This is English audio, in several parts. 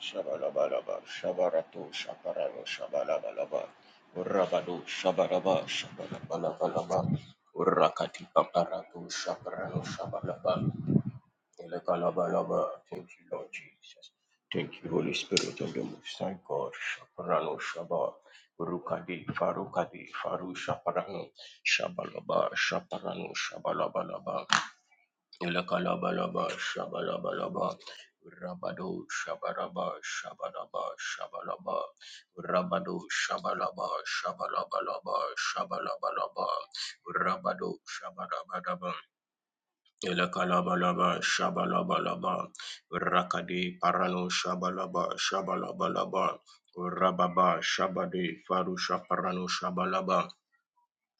Shabalabalaba, shabarato, shabaralo, shabalabalaba, urabado, shabaraba, shabalabalabalaba, urakati paparato, shabaralo, shabalaba, elekalabalaba. Thank you, Lord Jesus. Thank you, Holy Spirit of the Most High God. Shabarano Shaba, Urukadi, Farukadi, Faru Shabarano, Shabalaba, Shabarano, Shabalabalaba, Ilakalabalaba Shabalabalaba Rabado Shabaraba Shabaraba Shabalaba Rabado Shabalaba Shabalabalaba Shabalabalaba Rabado Shabarabaraba Ilakalabalaba Shabalabalaba Rakadi Parano Shabalaba Shabalabalaba Rababa Shabadi Farusha Parano Shabalaba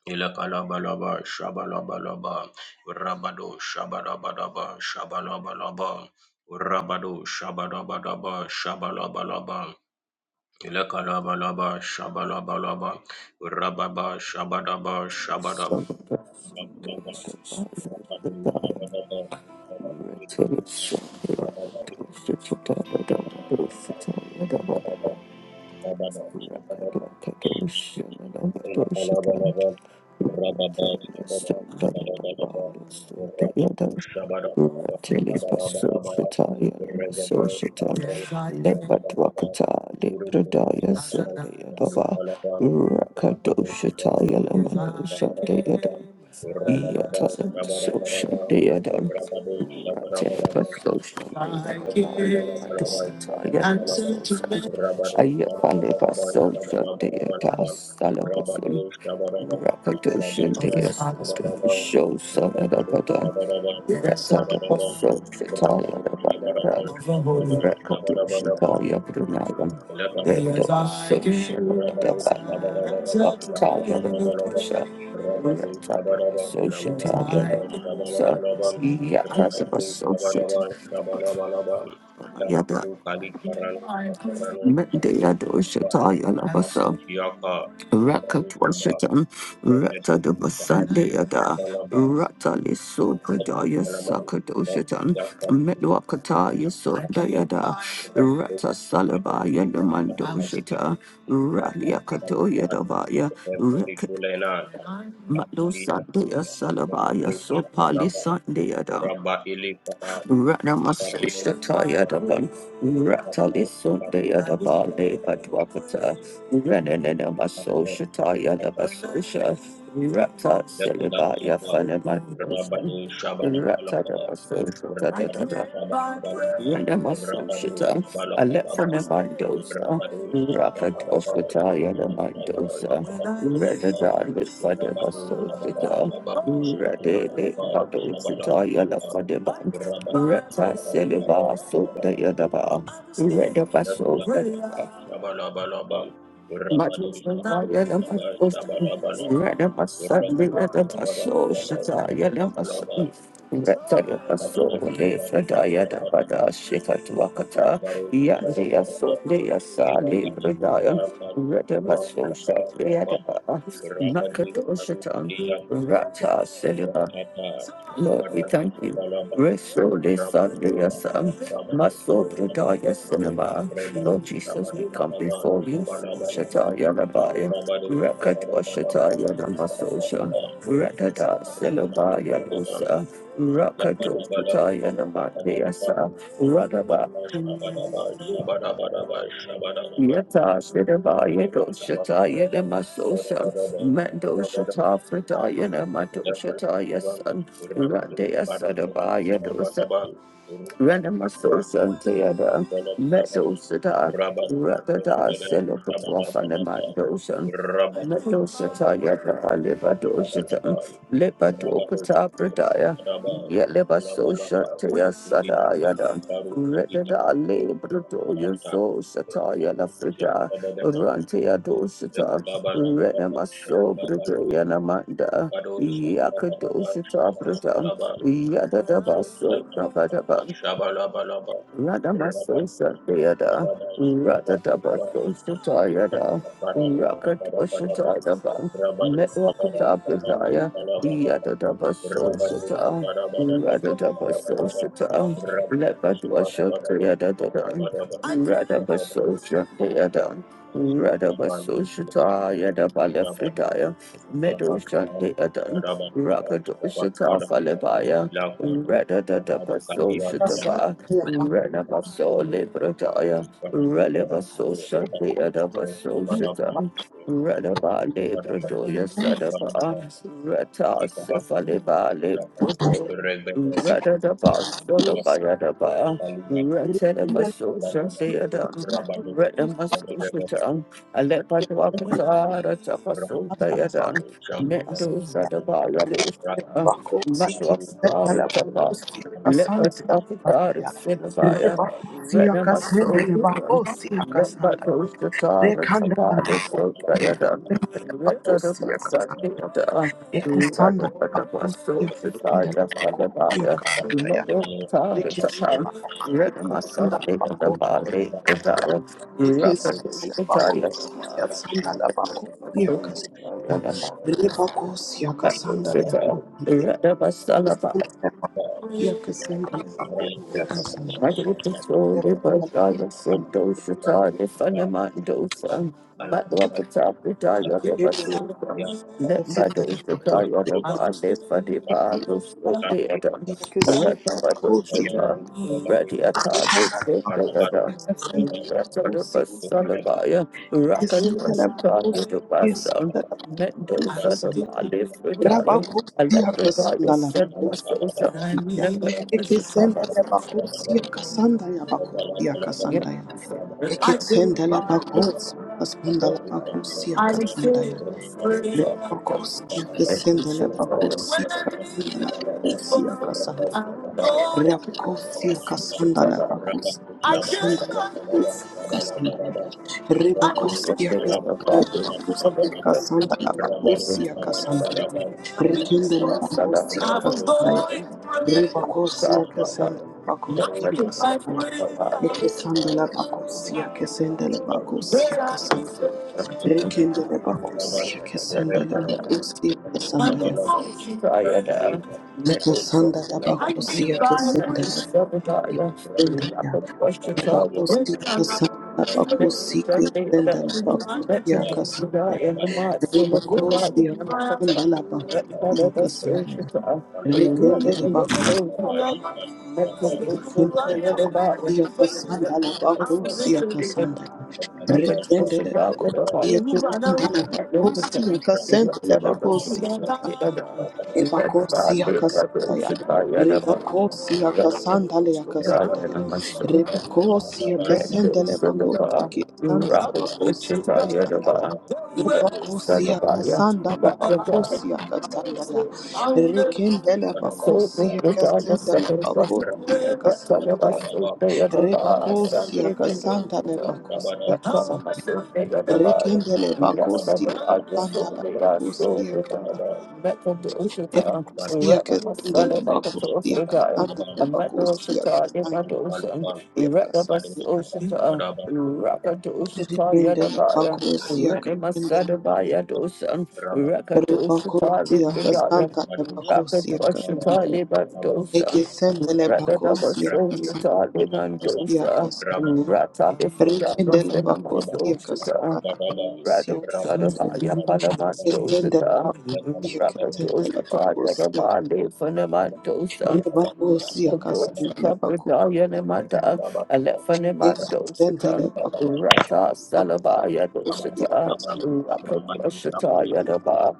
Ilakalabalaba, shabalabalaba, rabado, shabadabadaba, shabalabalaba, rabado, shabadabadaba, shabalabalaba, ilakalabalaba, shabalabalaba, rababa, shabadaba, shabadab- shabalabalaba, rabado, shabadaba, shabadaba, shabadaba, rabado, shabadaba. Thank you. Rattle Rabba I Ayakalipa social data salabasul Rakadoshin Dea, Show Son of the Buddha, Rakada Basso, Shitaya the Balada, Rakadoshin Rabba Taya Brunaya, Terima Rakadoshin Shitaya the Taya the Buddha, Rakada Basso, Shitaya the Buddha, Yakada Basso, Shitaya the Buddha, Mendeya Dosha Taya Raka Twashatam, Rata the Basandeada, Rata Liso Kadaya Sakadoshatam, Medwakata Yaso Dayada, Rata Salaba kasih. Yandamandoshata, Rabadu Shabala Ralia Katoya Dabaya, Raka Matlo Sandaya Salabaya Sopali Sandaya Ranamasa Rabadu Shatayadaban, Ratalisundayadabale Badwakata, Renanamaso Shatayadabasosha, Rata Silibaya Fanaman. Renamasoshita, Shabala Alephanamandosa, Rakatwaswataya Namandosa, Redadan with Fadamasoshita, Rabadu Redele Madositaya Shabala Lafadaman, Berapa Retta Seliva Sota Yadaba, Redabaso, Rata Silva, Lord, we thank you. Restore this Sunday, your son. Maso Brudaya Cinema. Shabba Lord Jesus, we come before you. Shataya Rabaya, Rakatwa Shataya Namasosha, Rakata Selobaya Losa, Rakato Pataya Namadeasa, Radaba. Yata Shedabaya Do Shataya Namasosa, Mando Shata Frataya Namato Shataya Son, Radea Sadabaya Ranamasosa Theatre, Rabadu Mezzosata, Rakada, Selokaprophanamandosam, Mezzosata Yapa, Levadosatan, Lepadokata Pradaya, Yelebasosha Tia Sadayada, Redada Lebrato Yoso Sataya La Frida, Rantia Dosata, Renamaso Bradoyanamanda, Yakadosata Pradam, Yadadabaso Nabadabam. Radamasosa Deada, Radadabasosa Tayada, Rakatosha Tayaba, Metwakatabdaya, Yadadabasosa Ta, Radadabasosa Ta, Lepatwasha Deada Dadan, Rabba Radabasosa Deada, Radabasosha Tayada Balafridaya, Medosha Deadan, Rakatosha Falebaya, Radadabasosa Taba, Rinda Renabaso Librataya, Relevaso Shanti Adavaso Shitam, Renaba Libradoya Sadaba, Reta Sefaliba Librado, Redadaba Solobayadaba, la Retenabaso Shanti Adam, Renamaso Shitam, Alepadwakata, Ratapaso Dayadam, Pacas, Mendo Sadaba Yadusha, Rebacosi, Kitana la Matwakata Pusi, let Casanda, us offer God a Patria, Sinavaya, Rebacosia Rena Casenda, Maso, let them us so good. Rebacosia Let Casanda, but those the tar of Recanda la Sapali so Dayadan, let the Pacosia Casanda, Pasaki of the earth. let Ecasanda la the Pacosia Maso, the Casanda, Taya Rebacosia Salavaya, Casanda, let the Recanda la tar and Pacosia, sapam. Let them us Sunday of Sapan, Rena Maso, the Bali, the Taya, Ecasanda la Rapatis, the Taya, Pacosia, Sanda la Pacosia Casanda, Rebacosia let the Casanda, Sita, let the Masalabaya. yakasendela bakhosi yakasandala Madutisol, Liberdaya, yakasendela Thank Sendoshita, you. Nifanamandosa, Kalau ada Matwakata, yang Pritaya, Libasulkam, dia yakasendela Lembadoshita, bakhosi Yadaba, Nifadipa, dari Lusodeadam, yakasendela bakhosi penemuan Ratabadoshita, penemuan Radiata, yakasandala para Rabadu Lusodeadam, yakasendela bakhosi Ratadabasalabaya, yakasendela Rakadwasita, bakhosi Yadabasam, yakasendela Mendoza, yakasandala Liberdaya, rabakhosi Electrodaya, yakasandala bakhosi yakasandala Senamasosa, yakasendela Lembadoshita, bakhosi yakasandala bakhosi Yep. yakasandala I will yakasendela find the bakhosi yakasandala Lord. bakhosi I will stay yakasandala for the Lord. Rabakosia And we kasenda shall tell us. When Rabakosia I live for I kasanda know you. Rabakosia kasanda Rabakosia Shall kasanda tell us. I Rabakosia senda cannot. Rabakosia I will stay on the kasanda Father. For the Rabakosia Lord. kasanda I will Rabadus, Rabakosia kasanda Rabakosia kasanda Rabadabadabad, Rekende Rabadabadabad, Rabakosia Rabadus, go kasanda Rabadabadabad, in Rabakosia prayer. Rabadus, kasanda Rabadabadabad, Rabadabadabad, Rabakosia Rabadus, Nothing I Rabadabadabad, kasanda Ekesanda Rabakosia pray. kasanda Thank Rabakosia kasanda Rekendele Rabadus, Rabadabadabad, Rabadus, bakusia Rabadabadabad, kesendele bakusia kesandaya. you Rabadus, Rabadabadabad, Kesandala bakusia kesendele kesandaya. Bakusia kesandala bakusia kesendele bakusia kesandaya. Rebakusia kesandala bakusia kesandaya. Rekendele bakusia rekendele bakusia kesandala bakusia kesandaya. that it is Rekendele about the Thank bakusia kesandala bakusia kesandele bakusia Ebakosi akasandaya. Rebakosi akasandale akasandaya. Rabadus, Rebakosi Rabadabadabad, Rabadus, akasandale bakosi Rabba you. kisandale robbers, it bakosi should I yet akasandaya. ever? Red Rebakosi son akasandale of a. bakosi akasandaya. Red Rekendele so bakosi good, you got your akasandale second question. bakosi What type of akasandaya. us they are the bar, Rebakosi Sunday convention. akasandale bakosi What type of akasandaya. us they are the bar? Rekendele Yes, I bakosi was always so akasandale they are bakosi so good. akasandaya. Met on the ocean to we Ecosia wrap my son Casandele about the toast Bacosia for die. I Casandele met the ocean Bacosia to I get on Casandia the ocean. We wrap the bus Casandele ocean to we wrap at the ocean to yet a Rikendele buyer. We Bacosia wrap my Casandele son about yet ocean. We wrap at the ocean to I live Rebacosia Casandele Bacosia Casandele Rakatwashitalibandosa, Ekisendele Bacosia Casandele Bacosia Rakadabasoshitalimandosa, Casandele Rikendele Bacosia Ratalifridayasinamasosita, Casandele Bacosia Rado Casandele Sadabaya Palamasto Ekisendele Bacosia Sita, Rakato Casandele Sita Bacosia Yadabali Berapa Fanamato San, Rebacosia Rakato Sita Casandele Pradaya Nemata, Alefanemato Sita, Nixendele bakosi Rata santa Salabaya bakosi Dosita, akasanta la bakanda Rakato Sita Yadaba,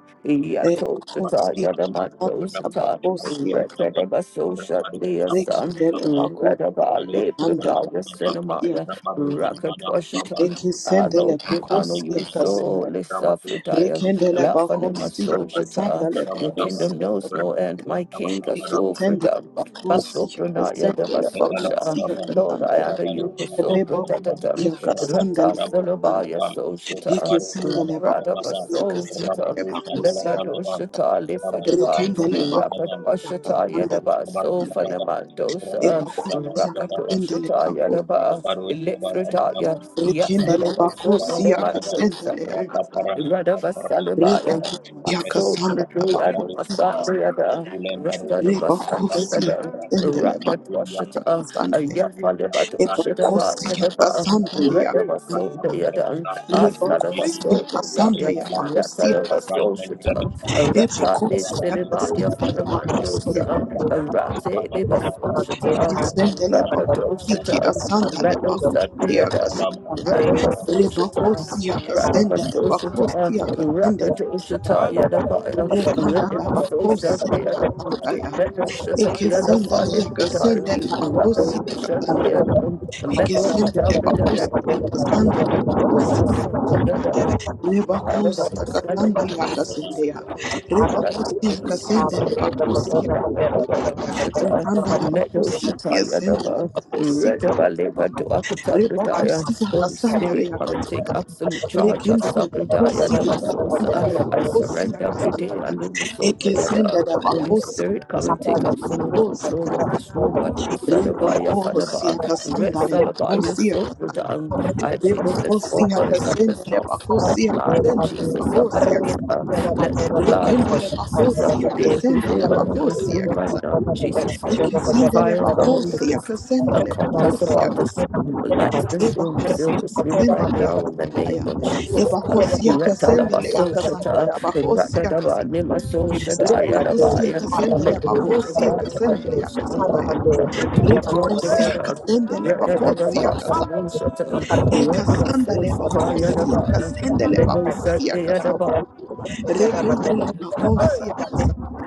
e Yato Sita bakosi Yadamato santa Sita, bakosi Retadabaso Shatlia San, akrekindele bakosi Redabali akasanta Pradaya bakosi Cinemaya, akasanta Rakato Sita Ah, ekisendele Lord, we honor bakosi you so, akasanta Lissafritaya, rekendele Lafanema bakosi akasanta Soshata. le Your bakosi kingdom knows akasanta no end, my King, ekisendele Asofrita, bakosi Basopranaya akasendele bakosi Devasosha. Lord, akasanta I honor you, Rabado re Shabbat bako Rabban, siya Kosopratatam, Rabado Rata Shabbat akasanta Solobaya Rabban, Soshata, Yeke Rabado sendele Shabbat Rabban, Rabado bakusi Shabbat Rabban, Radabasoshata, kasendele Rabado Shabbat bakusi ya Rabban, Lepadoshata, Rabado Lifadeva, Shabbat Rabban, rekendele Rabado bakusi ya Shabbat Rapatwashata kasanda Yadaba, Rabban, kasanda ya Rabado e Sofanamandosa, Shabbat bakusi ya kasendele Rakatoshata bakusi Yadaba, Rabban, Rapper, rekendele Rabado Shabbat bakusi ya Rabban, kasendele ya kasanda Rapaparan Sapar, re bakusi ya Kumetakia kasanda ya Padi Padi Kata, Ulem Harus bakusi Sampai ya Paran, kasanda re bakusi Yang ya kasendele bakusi ya kasanda ya e Paran, bakusi ya Rakyat Tidak kasanda le ya kasanda ya berapa re ये bakusi ये ya वो kasanda जितना ya लाल bakusi ya kasanda right hand चलन e bakusi रापा ya देश रापा kasanda le रापा रापा bakusi ya रापा रापा रापा लामा रापा निश Ikisendele रापा रापा bakusi asandale रापा निश bakusi रापा रापा akasendela. रापा निश Radabasoshita, Rebakosi रापा रापा रापा akasendele bakosi Radabasoshita, akasendele. Rakatoshita, Yadavaya, Rekandala Radabasosha, bakosi Deada, akasandaya. Metoshita, Ikisendele Yadafali Pudaya, akasendele bakosi Rakatosha, akasandaya. Deada, Ikisendele Metokata re Pudaya, akasandale bakosi Namasan, akasandaya. Deada, Rebakosi akasandale रोशा re Rebakosi रापा रोशा akasendele bakosi. Rekandala Meadow bakosi Shataya akasendele Dava, bakosi Redabaleva Rebokusi Duakatagradaya, Holy kasanda Spirit, le come and take kasanda ya. absolute charge of Rekende le Sabradaya bakosi kasanda Nemasosa. le I bakosi surrender kasanda Bridea ya. Eke Ekesenda Lumasodayada. le Holy bakosi Spirit, come and take absolute control of this room, but Usadabaya Fanaba, Red yakasanta le Salabaya bakosi yakasanta. Sobradan, I cleanse this four Rebokosi corners of kasanda this le house with the bakosi blood of yakasanta. Rebokosi yakasanta le bakosi yakasanta le Jesus. of bakosi kasanda Hallelujah. ya. Let the blood Rekende of le Jesus bakosi every day yakasanta le prevail upon this bakosi room right yakasanta. now in Jesus' Thank name. Ekesende le Fire of the Holy bakosi Ghost. yakasanta le Encompass bakosi about yakasanta. this room, light this room, Ebakosia fill this room right kesendele ya now in the kasanda name ya. of Jesus. Uh, Ebakosia kesendele ya kasanda Retalabasosata, ya. Bakosia kasanda. Rebakosia Ratadabanemasosatayalabaya, kesendele. Bakosia kesendele ya Mendosatalabandosha, kasanda ya. Rebakosia Ratadabanemasosatayalabaya. kesendele. Bakosia kasanda. E kasanda le you. bakosia kesendele. Bakosia Sunday at the kasanda. bar. Rekendele bakosia kasanda.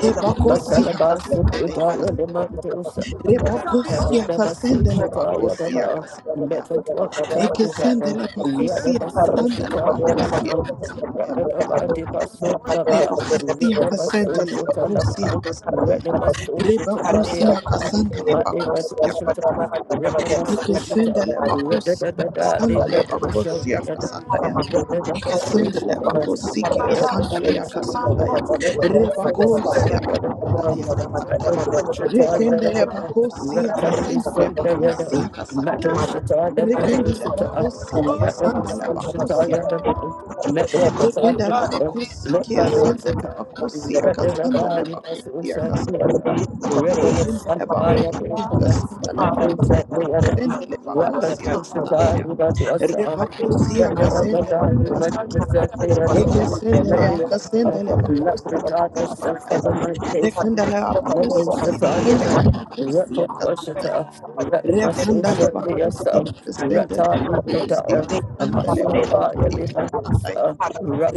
Ebakosia Masalaba kesendele ya Supradaya kasanda. Lima Dosa. Rebakosia kesendele. Yadabasoshitaya Bakosia Dava. kasanda ya. Mekadwakata Ekesende Pradaya. lebakosia kasanda Yadabasoshitaya lebakosia Dava. kasataya. Yadaba Devaso Dava. Lebakosia kasende Yadabasoshita lebakosia Dava. kasataya. Yadabasoshita Rebakosia Balea. kasanda Mate lebakosia Badoshita. Yadabasoshita. Ikesendele bakosi Yadabada kasandale Lima bakosi Dosa. kasandaya. Let Thank you. Ikesendele bakosi kasandale Thank kasandaya. Re bakosi kasandale kasandaya. Rekendele bakosi kasendele bakosi kasandaya. Rekendele bakosi kasandale bakosi. Rekendele bakosi my kasandale daughter bakosi Rata kasandale bakosi Rekindele bakusi kasindele bakusi kasendele bakusi kasandaya. Rebakusi kasendele kasandaya. Eke sendele you. kasendele bakusi kasandaya. Rekindele bakusi kasendele bakusi kasandaya. Rekindele bakusi Rakadoshita kasendele bakusi kasandele bakusi kasandaya.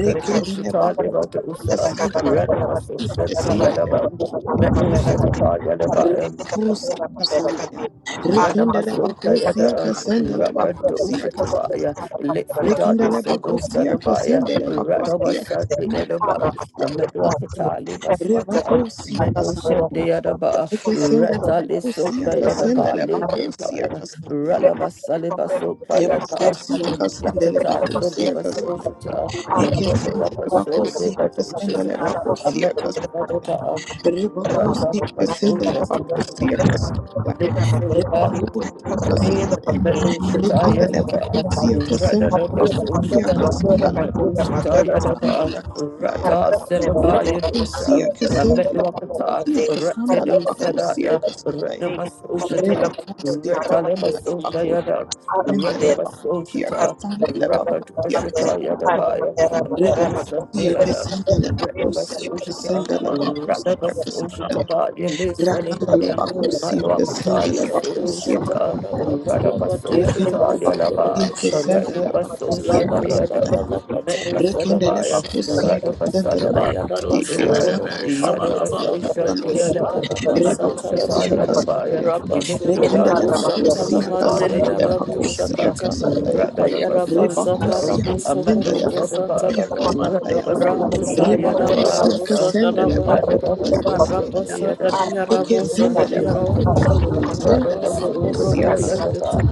Rekindele bakusi Levadosa, kasendele Radamaso bakusi Shakti kasindele Yadaban, Meadow Set Apart Yadabayan, Rekusia kasandaya. Rekendele Ranamasunta bakusia Yada, kasendele bakusia Rakadosha kasandaya. Tabaya, Litfridaya Rekendele Seno bakusia Sanamaya, kasendele bakusia Ranamasanti kasandele Yadaba, bakusia. Ametwapatali Maswata, Rebakusia kasandaya. Metosha the Yadaba, Ekesendele Ratali bakusia Sunda Yadaba, kasendele bakusia Likridaya, kasandaya. Ralabasaliba Sopa Yada, Yebakusia kasendele Yatata bakusia kasandaya. Sodabasosata, Thank you. Ekesendele Ratanabaso de bakusia kasendele Badoshata, bakusia kasandaya. Ametwapata, Rebakusia Ratali kasendele bakusia Basosha. Rather, kasandaya. Rebakusandalia. Rekandale bakusia kasandale bakusia kasandale bakusia kasandale kasandaya. Rebakusia kasandale bakusia kasandale bakusia kasandaya. Rebakusia kasandale Thank you. bakusia kasandale Aramader, bakusia kasandale bakusia kasandale. Rebakusia kasandale bakusia kasandale रापा रापा निश bakusia रापा kasandaya. रापा Rakandale bakusia Matwakata, kasandale Yasudu bakusia Radoshaka Shata, kasandaya. Barabata Radabaso Labadia Shata, Rekendele Rebusu Yalaba, bakusiye Rubu Shataya kesendele Redobaso bakusiye Shanti Labarabata Adam, kasandaya. Lakata Metal Labaraba Rekendele Sadabaya, bakusiye Shandalaba kesendele Radabasanaba, रापा Ayaraba bakusiye रोशा बेरे Katopradaya, kesandele बेरे Sukurubu शाबा Sakata लाबा Yadabaso bakusiye Labarebo Shanti kasandaya. Adam, Shekaraba Re Metal Shata Satalaba bakusiye Yadabaya, kasandaya. Rabba Rekendele Electrodaya Sukurabu Sadadu bakusiye Shata Satalamanderia kasandele Rabu bakusiye Yadamandosa, Shakata kasandaya. Ayaraba Reba Radabaso Shata, bakusiye Sakarabu Amato kesendele Sukurubu Sadaba, bakusiye Satalaba रापा निश kasandaya. रापा Radabaso Rabu Re Shata Shakadaba bakusiye Rabu Yadabasa, kesendele Sakadaba bakusiye Radabaso kasandaya. Shanti Karabasa Adam. Kadia Rabu Ekesendele Sakadiaraba bakusiye kesendele Raboso bakusiye koroboso kasandaya. kete.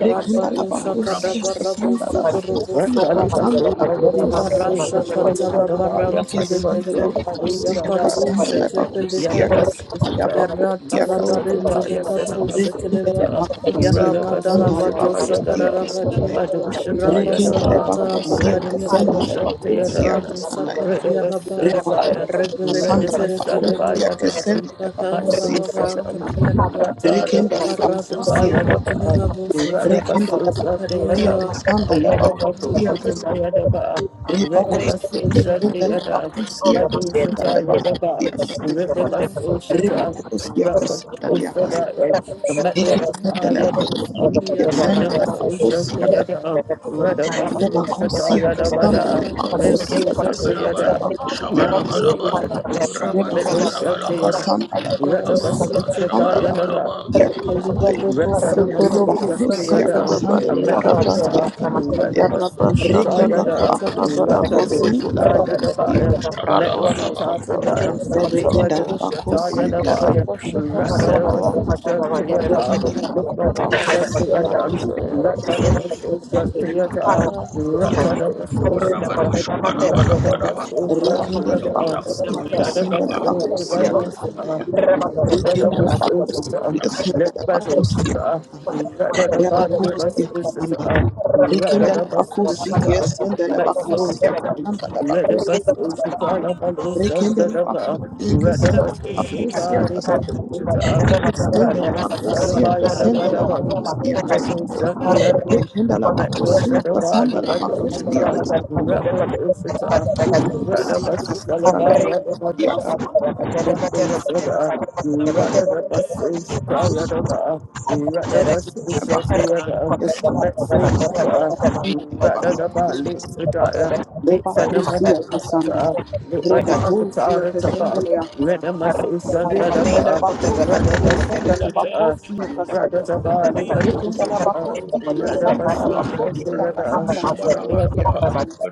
Rekanda la bakusia रापा kadaba kasanda raboso la koroboso bakusia Ratali koto. kasanda baso, la Rabba bakusia Masi, Ribarasha kasanda. Kasho, katala Thank Shadaba, you. baranto Yafadi Rekesende la lekete. baso, Thank bakusia Marie, Yakato kasanda la shekepe bakusia lekadosh. kasanda la Yadabasosata, Yarata bakusia la kasanda. barenze Masopata, lekato Rekende la shekedeba. Yasanamasosata, bakusia Yaramada la kasanda la Radabasosata, badosa bakusia Yadaba, kasanda kararabadia. ya. Madoshata, Rabasa Rekende la Yadaba, katala bakusia bakadia kasanda raba. la Redabasosata, bakusia Yadam, Rabosa kasanda ya. kadia raba. Redabasodavaya, Rebakusia kasanda Rebelekete la Redabasalava, rekedebe. bakusia kasanda Yadam, la Bakala bakusia baka kasanda. Masosata, kadia raba. Rekende la Ratadabasosata, Karaboso bakusia kasanda. Yadaba, Kodiraboso Rekende la Radabasosata, bakusia Kadirava Yadam, kasanda la bakusia kasanda. Yadabasosata, Yadaba, Karabo Ribokosia you. Kadira Redabasosata, kasindala Yadam, Oh, bakosia the magic Madoshata, of kasindala the Yadaba, bakosia kasindaya. Raboso Karabo Ridimasusha, internet. Ribokosia Thank kasindala kas. Rapatusha, Kadibarabo Shadarabo Ekasindala Metuakataya, bakosia Dosum, kasindala Yanamaraba Redimasusha, Shande bakosia the kas. other, Redimasusha, Ribokosia Tayada, Vada, kasindala Yaraba Satu bakosia Missusha, the लाबा kasindala Sekete other, शाबा bakosia kas. लाबा लाबा Kadibaraba Nanamassusha, रापा Shandababa रोशा Metusha, Ribokosia the लाबा other, kasindala Yarabo bakosia लाबा Sutu Redimasusha, शाबा kasindala लाबा Tayada, लाबा bakosia kasindaya. Kadibarabo Retanamas Sokorobo Usha Ribokosia Tiada, Sakatababa a kasindala Yaraba bakosia Metwakata, kasindaya. Retabas Yaraba Usha Shandala Rekendele Tayada, Katababa bakosia Rapa Rabo Usha kasindala Sokoto Tayada bakosia Baya, Rabo Shabalabalaba, Metwakata Pradayam, Lipa Rekenda Shakatababa la you. Usha bakosia Tayada kesa Baya, bakosia. Yarabashakatiyaraba, Ratanabas Usha Tiada, Rekenda la bakosia Lipa Usha Tiada, Rabashakarabasoya, Ratanabas Usha bakanda la Tiada, bakosia. bala. Ratanabas Usha Tiada, Urabado shabarabaraba, Ratanabas Usha Rekenda la urabado Tiada, bakosia Rabusokotoya, kasenda la shabaraba, bakosia urabado kasenda ya. Rekenda la Ratanabas Usha bakosia Tiada, kasenda let la Rabukotoyaraba, bakosia. Badushita, rather shabalakala, the Ya body bala, was bakosia kasenda Ushita, ya. rather Rekenda the la bus bakosia Ushita, kasenda la Matso bakosia Shita, kasenda la rather bakosia. bus Thank you. Ushita, Labalusa, Rekenda la Radaba, bakosia rather Rabusokotoya, kasenda bus la Thank bakosia Ushita, kasenda. Libadushita, urabado Rekenda rather la bakosia Masalabaya, the kasenda la Badavan, bakosia Metal kasenda ya. Sakaya, Rekenda la Metal bakosia Shadaba, kasanda la bakosia Libadushita, kasanda Rabadushita, rather bakosia bus kasanda la Salabaya, bakosia the kasanda Rather, la bakosia la bakosia bakosia kasanda la reba kosia you. kasanda la kasanda rekenda la bakosia kasanda la bakosia kasanda la rekenda la shabado bakosia kasanda la shabaraba, bakosia urabado kasanda la bakosia shabarabaraba, kasanda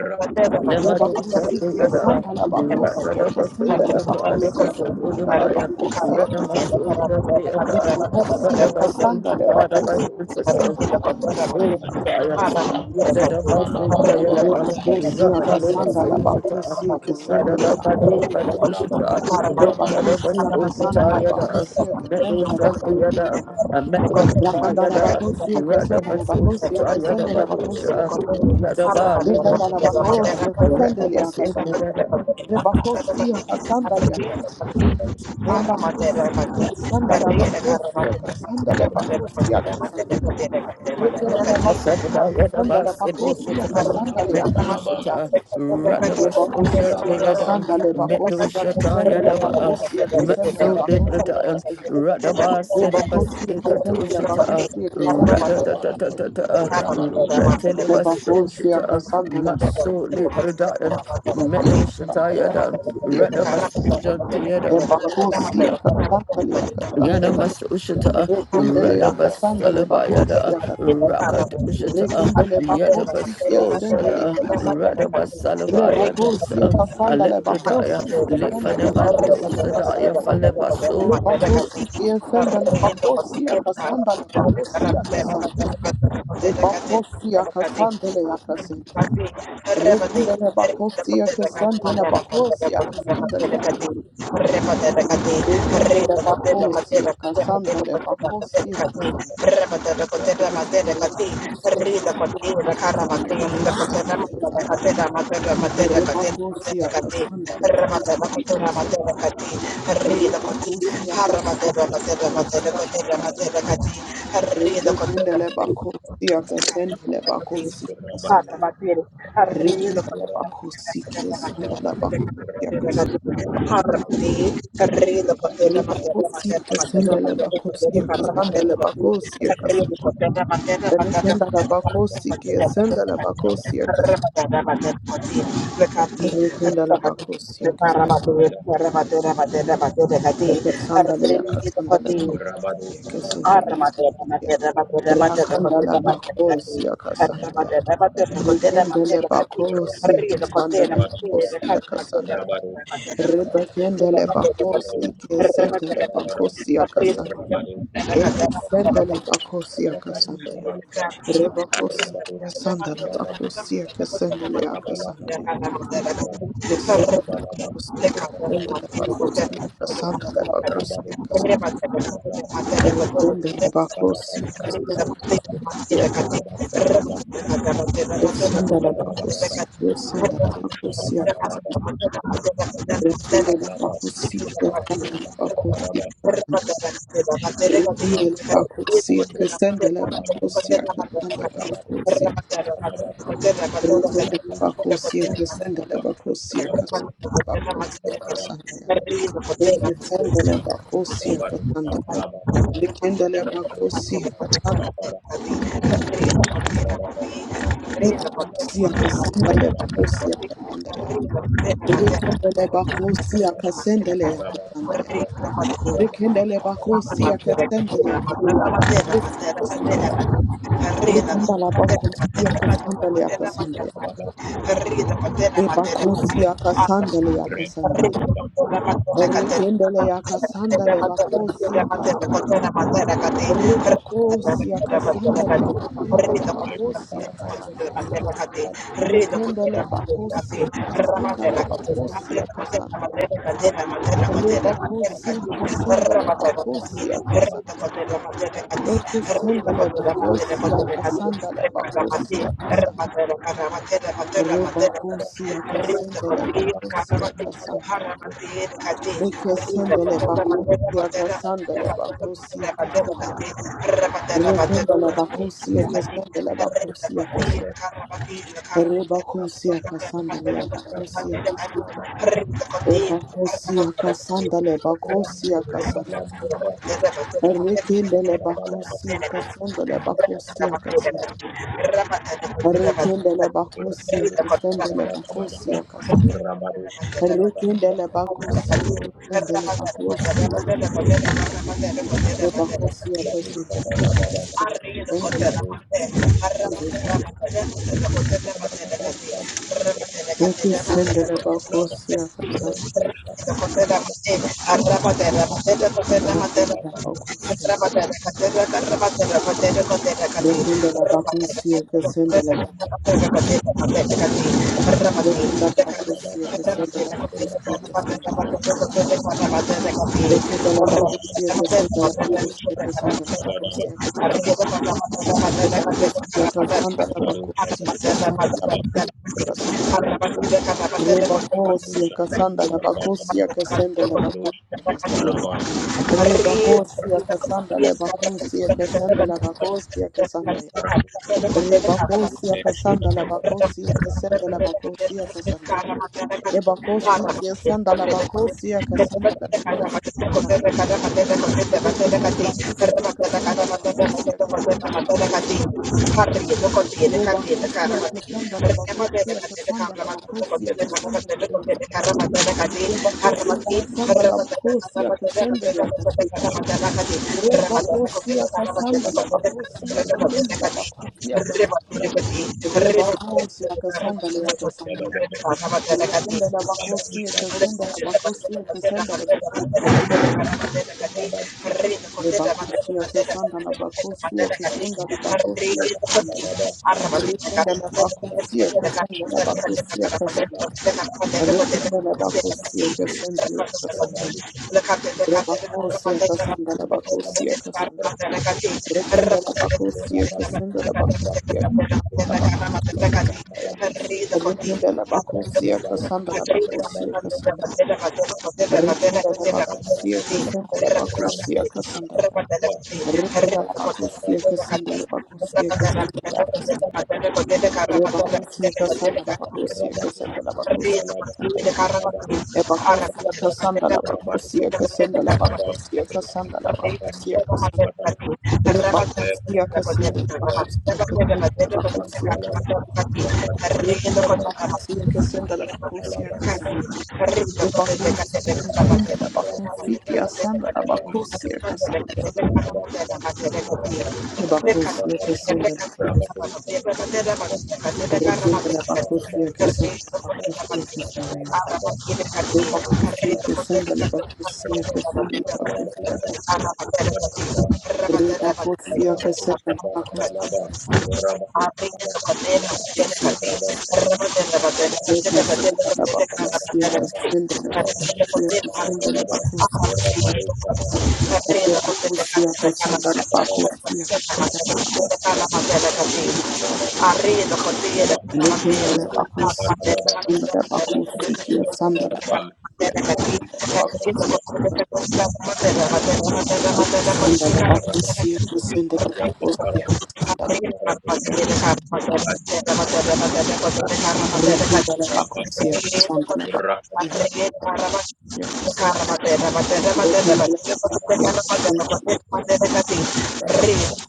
Never reba do kosia something at all. kasanda la Let bakosia the other soul kasanda la to body bakosia that's full of kasanda la fire. bakosia Let Thank the you. kasanda muscle from the other. Let Lebakosia the muscle kasanda to God of my lebakosia kesende physical. My lebakosia soul to kasanda fire. ya. urabado shabalabalaba, shabalabalaba, urabado shabalabalaba, the urabado muscle shabalabalaba, the other. shabalabalaba, Lebakosia Let the other kasanda soul to God. lebakosia Let kesende urabado the leba. body but also to God. Let the other Lebakosia soul to kasanda tell you the other. lebakosia kesende the Thank something you. lebakosia. other. I met what we tie Rakanda other. lebakosia Let the kesende muscle to lebakosia the other kesende the lebakosia. ocean. Yadaba, Liba, Rekanda Lucia, lebakosia kesende Rabba, lia kasanda ya. Sinkurada, Lebakosia kasanda lia. Lebakosia kasanda lebakosia kasanda lebakosia kasanda. Rekelele bakusi Thank Asadaba, you. Yadaba, kasandale Thank bakusi Silushita, kasandale kasandale Medushita, ye Radaba, Sosha, bakusi Deada, kasandale bakusi Medushata, kasandale Yadaba, bakusi kasandale Matsu, bakusi Librada, kasandale Radaba, ye Sedabas, bakusi kasandale Ekatoshita, bakusi kasandale Radadadadada, shabalabalaba, urabado ye Rateleba, bakusi Soshita, kasandale bakusi kasandale bakusi kasandale Matsu, bakusi Librada, Rabadu, Rabadu, Medushita, kasandale Yada, ye Radaba, Rabadu, Sosha, bakusi kasandale Yana kasandale Masushita, rekelele you. Rada kasandale Basalabaya, bakusi kasandale Rakat Ushita, Rekendele Yada bakosiya Baso sendele Shada, yakasanda. Rada Basalabaya Rebakosiya Dosa, kasandale Alepradaya, bakosia kasandale Lifanamando bakosiya Sadaya, kasandale. Falebaso. Rebakosiya sendele bakosia kasandale bakosiya kasandale. Rebakosiya kasandale yakasandale. Rekendele bakosiya kasandale bakosiya kasandale yakasandale. Rebate, Harra, Matera, Rabadu, Rekendele Harra bakosiya kasandale bakosiya kasandale. Rekendele bakosiya kasandale bakosia kasandale yakasandale. Rebacosia Cassandra Lebacosia. Rebacosia Cassandra. Rebekinde Lebacosia Cassandra Lebacosia Cassandra. Matera, Matera, Matera, Rekinde Lebacosia Cassandra Matera, Harra Lebacosia Cassandra. Rebacosia Cassandra Lebacosia Cassandra Lebacosia Cassandra. Rekinde Lebacosia Cassandra Lebacosia Cassandra. Rekinde Lebacosia Cassandra Eke sandale yaka sandale bako yeke Arra sandale ya rakandala bako yaka sandaya rekendele bako yaka sandale bako yaka sandaya rebekendele bako yeke sandale bako yaka sandaya eke sandale bako yaka sandaya rebako Rabadu, Rabadu, yaka sandale bako yeke sandale Rabadu, yaka Rabadu, sandaya Rabadu, yeke sandale bako yeke sandale bako yaka sandale bako siya Rebendelabakosya kasandalya kasandala. Esandalabakosya esandalabakosya Thank you. kasandala. Rebendelabakosya kasandalabakosya kasandala. Rebendelabakosya Berapa kasandalabakosya kasandalabakosya. Rebendelabakosya kasandalabakosya kasandalabakosya kasandala. Rekesandalabakosya Terima kasandala. kasih. Rekendalabakosya kasandalabakosya. Bakosia kasandale bakosia kasandaya. Rekendele bakosia Berapa kasendele ya kasandaya. Rekendele bakosia kasendele ya kasanda kosia kasanda ya. kasandaya. kasandaya. Rekendala bakosia kasandale ya kasanda ya. kasandaya. E bakosia kasandale ya kasandaya. Rita Rekendele ya kasandale bakosia kasandaya. Rebakosia kasandale ya kasendele bakosia ya. Rekendele bakosi kasandale bakosi akasandaya. Rebakosi akasendele bakosi Ramadan, akasandaya. Thank Rekesendele bakosi akasandale bakosi akasa. Rebakosi akasendele bakosi akasandaya. Rekesendele bakosi akasandale bakosi akasandaya. Rekendele bakosi akasendele bakosi akasandaya. Rebakosi akasandale bakosi akasandaya. Ebakosia kasandale bakosia kasanda. Thank Rekendele bakosia kasandale bakosia kasanda. Rekendele bakosia kasandale bakosia kasanda. Rekendele bakosia kasandale bakosia. Ebakosia kasandale bakosia kasandale bakosia. Rekendele you. Berapa bakosia kasandale Thank bakosia. Rekendele bakosia kasandale bakosia. Rekenda la bakusia kesenda la bakusia kesenda. Rekenda la bakusia kesenda la bakusia kesenda la bakusia kesenda. Re bakusia kesenda la bakusia kesenda la bakusia kesenda. Re you. bakusia I'm kesenda la bakusia kesenda la bakusia kesenda. Re bakusia kesenda la bakusia kesenda la bakusia kesenda. Re bakusia kesenda la bakusia kesenda la bakusia kesenda. not Lebakosi sandala a man. bakosi akasandala bakosi akasandala. Rekindala bakosi akasandala bakosi akasandala bakosi akasandala. Rebakosi akasandala bakosi akasandala bakosi akasandala akasandala. Rebakosi akasandala bakosi akasandala akasandala. Rebakosi akasandala bakosi akasandala bakosi akasandala. Rebakosi akasandala akasandala. Terima kasih. Lekendala bakosia kesendala bakosia kesendala bakosia le bakosia kesendala bakosia kesendala bakosia kesendala lekendala bakosia kesendala bakosia kesendala lekendala bakosia Thank you. kesendala kesendala Thank le bakosia kesendala bakosia kesendala lekendala bakosia kesendala bakosia kesendala bakosia kesendala lekendala bakosia Rabat kesendala bakosia kesendala Rekenda la bakusia kesenda la bakusia kesenda la. Rekenda la bakusia kesenda la bakusia kesenda la kesenda. Re bakusia kesenda la you. bakusia kesenda la bakusia balaba kesenda ya. berabaru E bakusia abalaba kesenda la berabadu bakusia berabadu kesenda la alaba bakusia berabadu kesenda la berabadu bakusia kesenda. batalan Re tete bakusia tete kesenda la alaba bakusia kesenda la bakusia kesenda. alaba alaba Rekenda la alaba bakusia kesenda la bakusia alaba kesenda. Rebacosia alaba alaba Cassandra berabadu Thank Rabacosia you. Thank berabadu Sandra berabadu Rabacosia berabadu Cassandra alaba alaba berabadu Rebacosia Cassandra Rabacosia Rabacosia Cassandra Rabacosia Cassandra Rebacosia Cassandra Rabacosia Cassandra Rabacosia Cassandra Berapa Rebacosia Cassandra Rabacosia Cassandra Rebacosia Rebacosia Cassandra Rabacosia Cassandra Rabacosia Cassandra Rabacosia you. Potreba potete Rebacosia katsira Cassandra karasasa kaseta Rabacosia matera kote kana matera kati arrido potete kana Lekendele bakusi, matera kana matera kendele kana matera bakusi, kia sandele bakusi, matera kati arrido bakusi, potete kote matera sandele bakusi, kusendele bakusi, kusandele, matera matera lekendele bakusi, kusandele matera bakusi, kusandele, kati kana Arramate, lekendele bakusi, kusandele bakusi, re bakusi, kusandele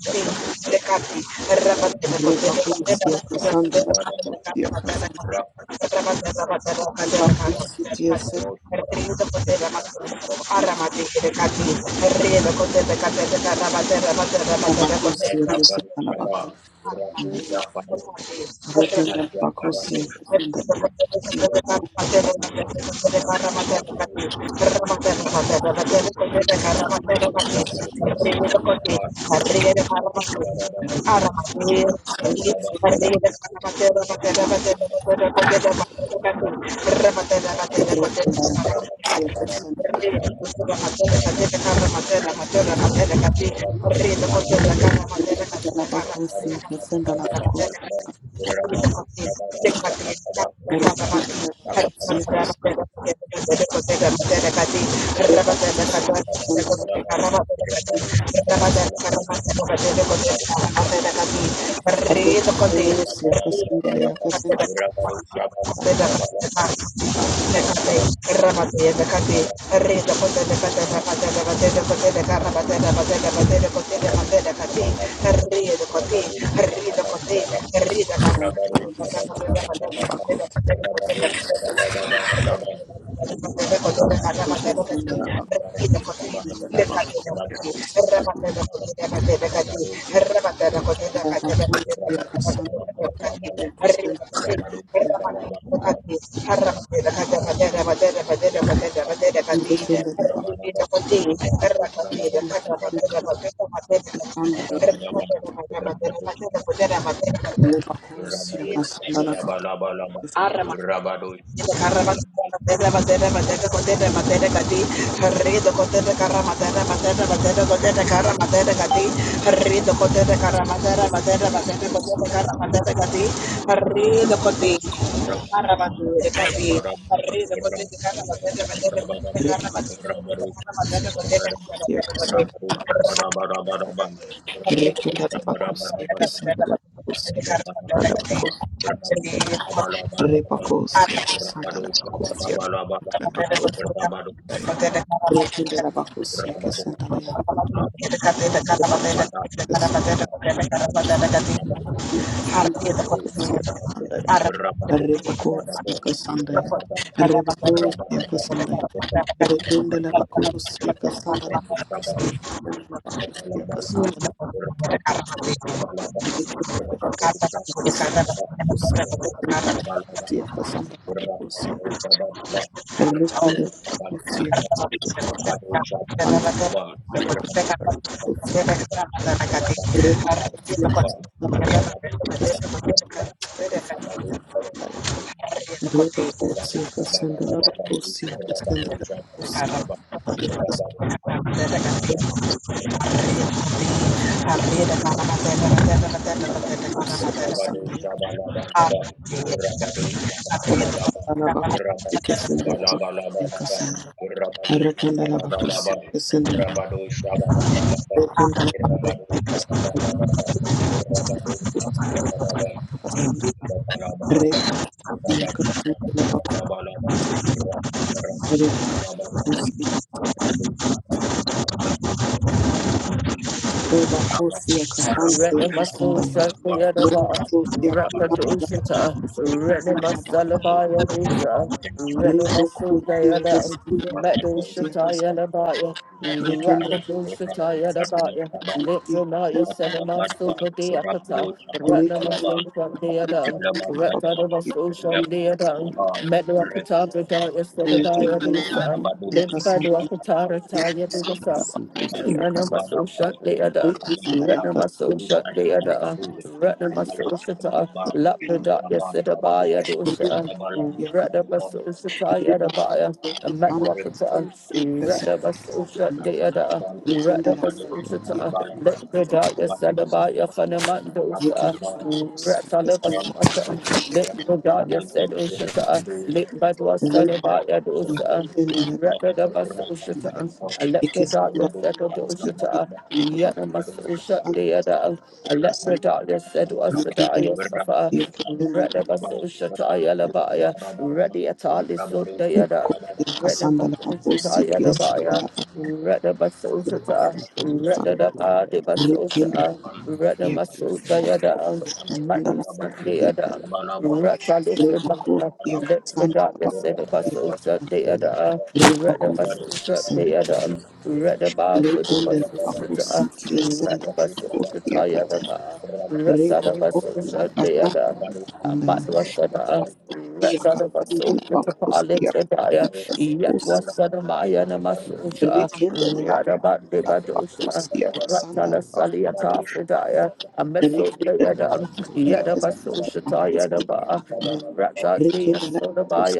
bakusi, kusandele, bakusi, kia sandele bakusi, kusandele bakusi, the Cati, Rio, the Cote, the Cate, the Rabate, Terima lekendele bakusi, Rabba kusandele Thank kasih. Terima kasih. Nekate, Rabado, Ramate, the Kati, Rita Pote, the Kata, Ramate, the Kate, the Pote, the Karamate, the Pote, the Pote, the Pote, the Mate, the Kati, Ria the Koti, Ria the Koti, Ria the Kati, you. Lebacosia Cassandra Bacosia Arra Berapa Rica Sia Cassandra Bacos Rica Labacosia Cassandra Bacosia Harri Rebacosia Cassandra Bacosia Labacosia Thank Rica Labacosia Cassandra Rebacosia Cassandra Bacosia Cassandra Rebacosia Cassandra Rebacosia Cassandra Rekindle la bakus, Rabadu yaka sandala, yaka sandala la bakus, yaka sandala, rekindle la bakus, yaka sandala bakus, yaka sandala bakus, yaka you. rekindle la bakus, yaka Arriba, sandala, yaka bakus, yaka rebakus, yaka bakus, yaka sandala bakus, yaka sandala, yaka sandala, rebakus, yaka bakus, yaka sandala bakus, yaka sandala, bakus yaka sandala bakus, yaka Rabado sandala. Shabalabalaba, Rabado Shabalabalaba, Rakandala bakusi Rabado kesendela bakusi Shabalabalabalaba, kasana. Rabado Rakandala bakusi Shabalabalaba, kesendela. Rabado Shabalabalaba, Rabado Shabalabalaba, Rakandala Rabado bakusi kesendela Shabalabalaba, Rabalabalaba, kasana. Rabado Shabalabalabalaba, Rabado Shabalabalaba, Rabado Rekasi kesendela bakusi kasana. Rekandala bakusi Shabalabalaba, Rebakusi kasana Rabado Shabalabalaba, kasanda Renemaso ya. Shandiyanaba, Rebakusi Rabado kasanda Shabalabalaba, Rakadoshita, ya kasanda ba. Sabala, Renemasalabaya Visa, Renemaso Rebakusi Dayana, kesendela bakusi Medoshita kasana. Yanabaya, Rekandala Rakadoshita Yanabaya, Lipranaya Senemaso Badiakata, bakusi Renemaso Shandiyadan, kesendela bakusi Rekanamaso Shandiyadan, Medoakata Bradaya Ente Sedabaya yarabaku Visa, yakasanda Limbadwakatara Taya yarabaku None yaka of us so shut the other. rekanda Retina my yakasanda soul shut the other. Retina my sabala, soul shut up. yakasanda Laprada, yes, it a buyer, dosha. sabala, yaka Retina my soul shut up, yet a reba buyer. A yakasanda sabala, macrofita. Retina yakasanda my soul shut the other. yekenda Retina la my Berapa soul shut up. Laprada, yarabaku yes, it a Baya Fanamandosa, yekenda la kos Rataleva esenda Swatan, kos Lip reba Bodaya said Ushata, Lip Badwa yekenda la Sadabaya Dosa, bakunda Ratadabas ya Ushata, ikisanda Electrodaya said kos Ushata, yekenda la bakunda Yanamas Ushat Deada, yakasanda Electrodaya said yekenda la Wasadaya Safa, yekenda la Ratabas bakunda Ushataya Labaya, Radiatali Sundayada. Red yakasanda la kos yekenda la Rekende Basia Sandala Sirka Rebacosia Sandala Basia Rebacosia Sandala Rekende Bacosia Sandala Bacosia Casan Rather, Yada Rebacosia baso shanti Sandaya Sia Casandala Bacosia berapa Cos Rekende Bacosia Sandala Rekende Bacosia Casandala Bacosia Rekende Bacosia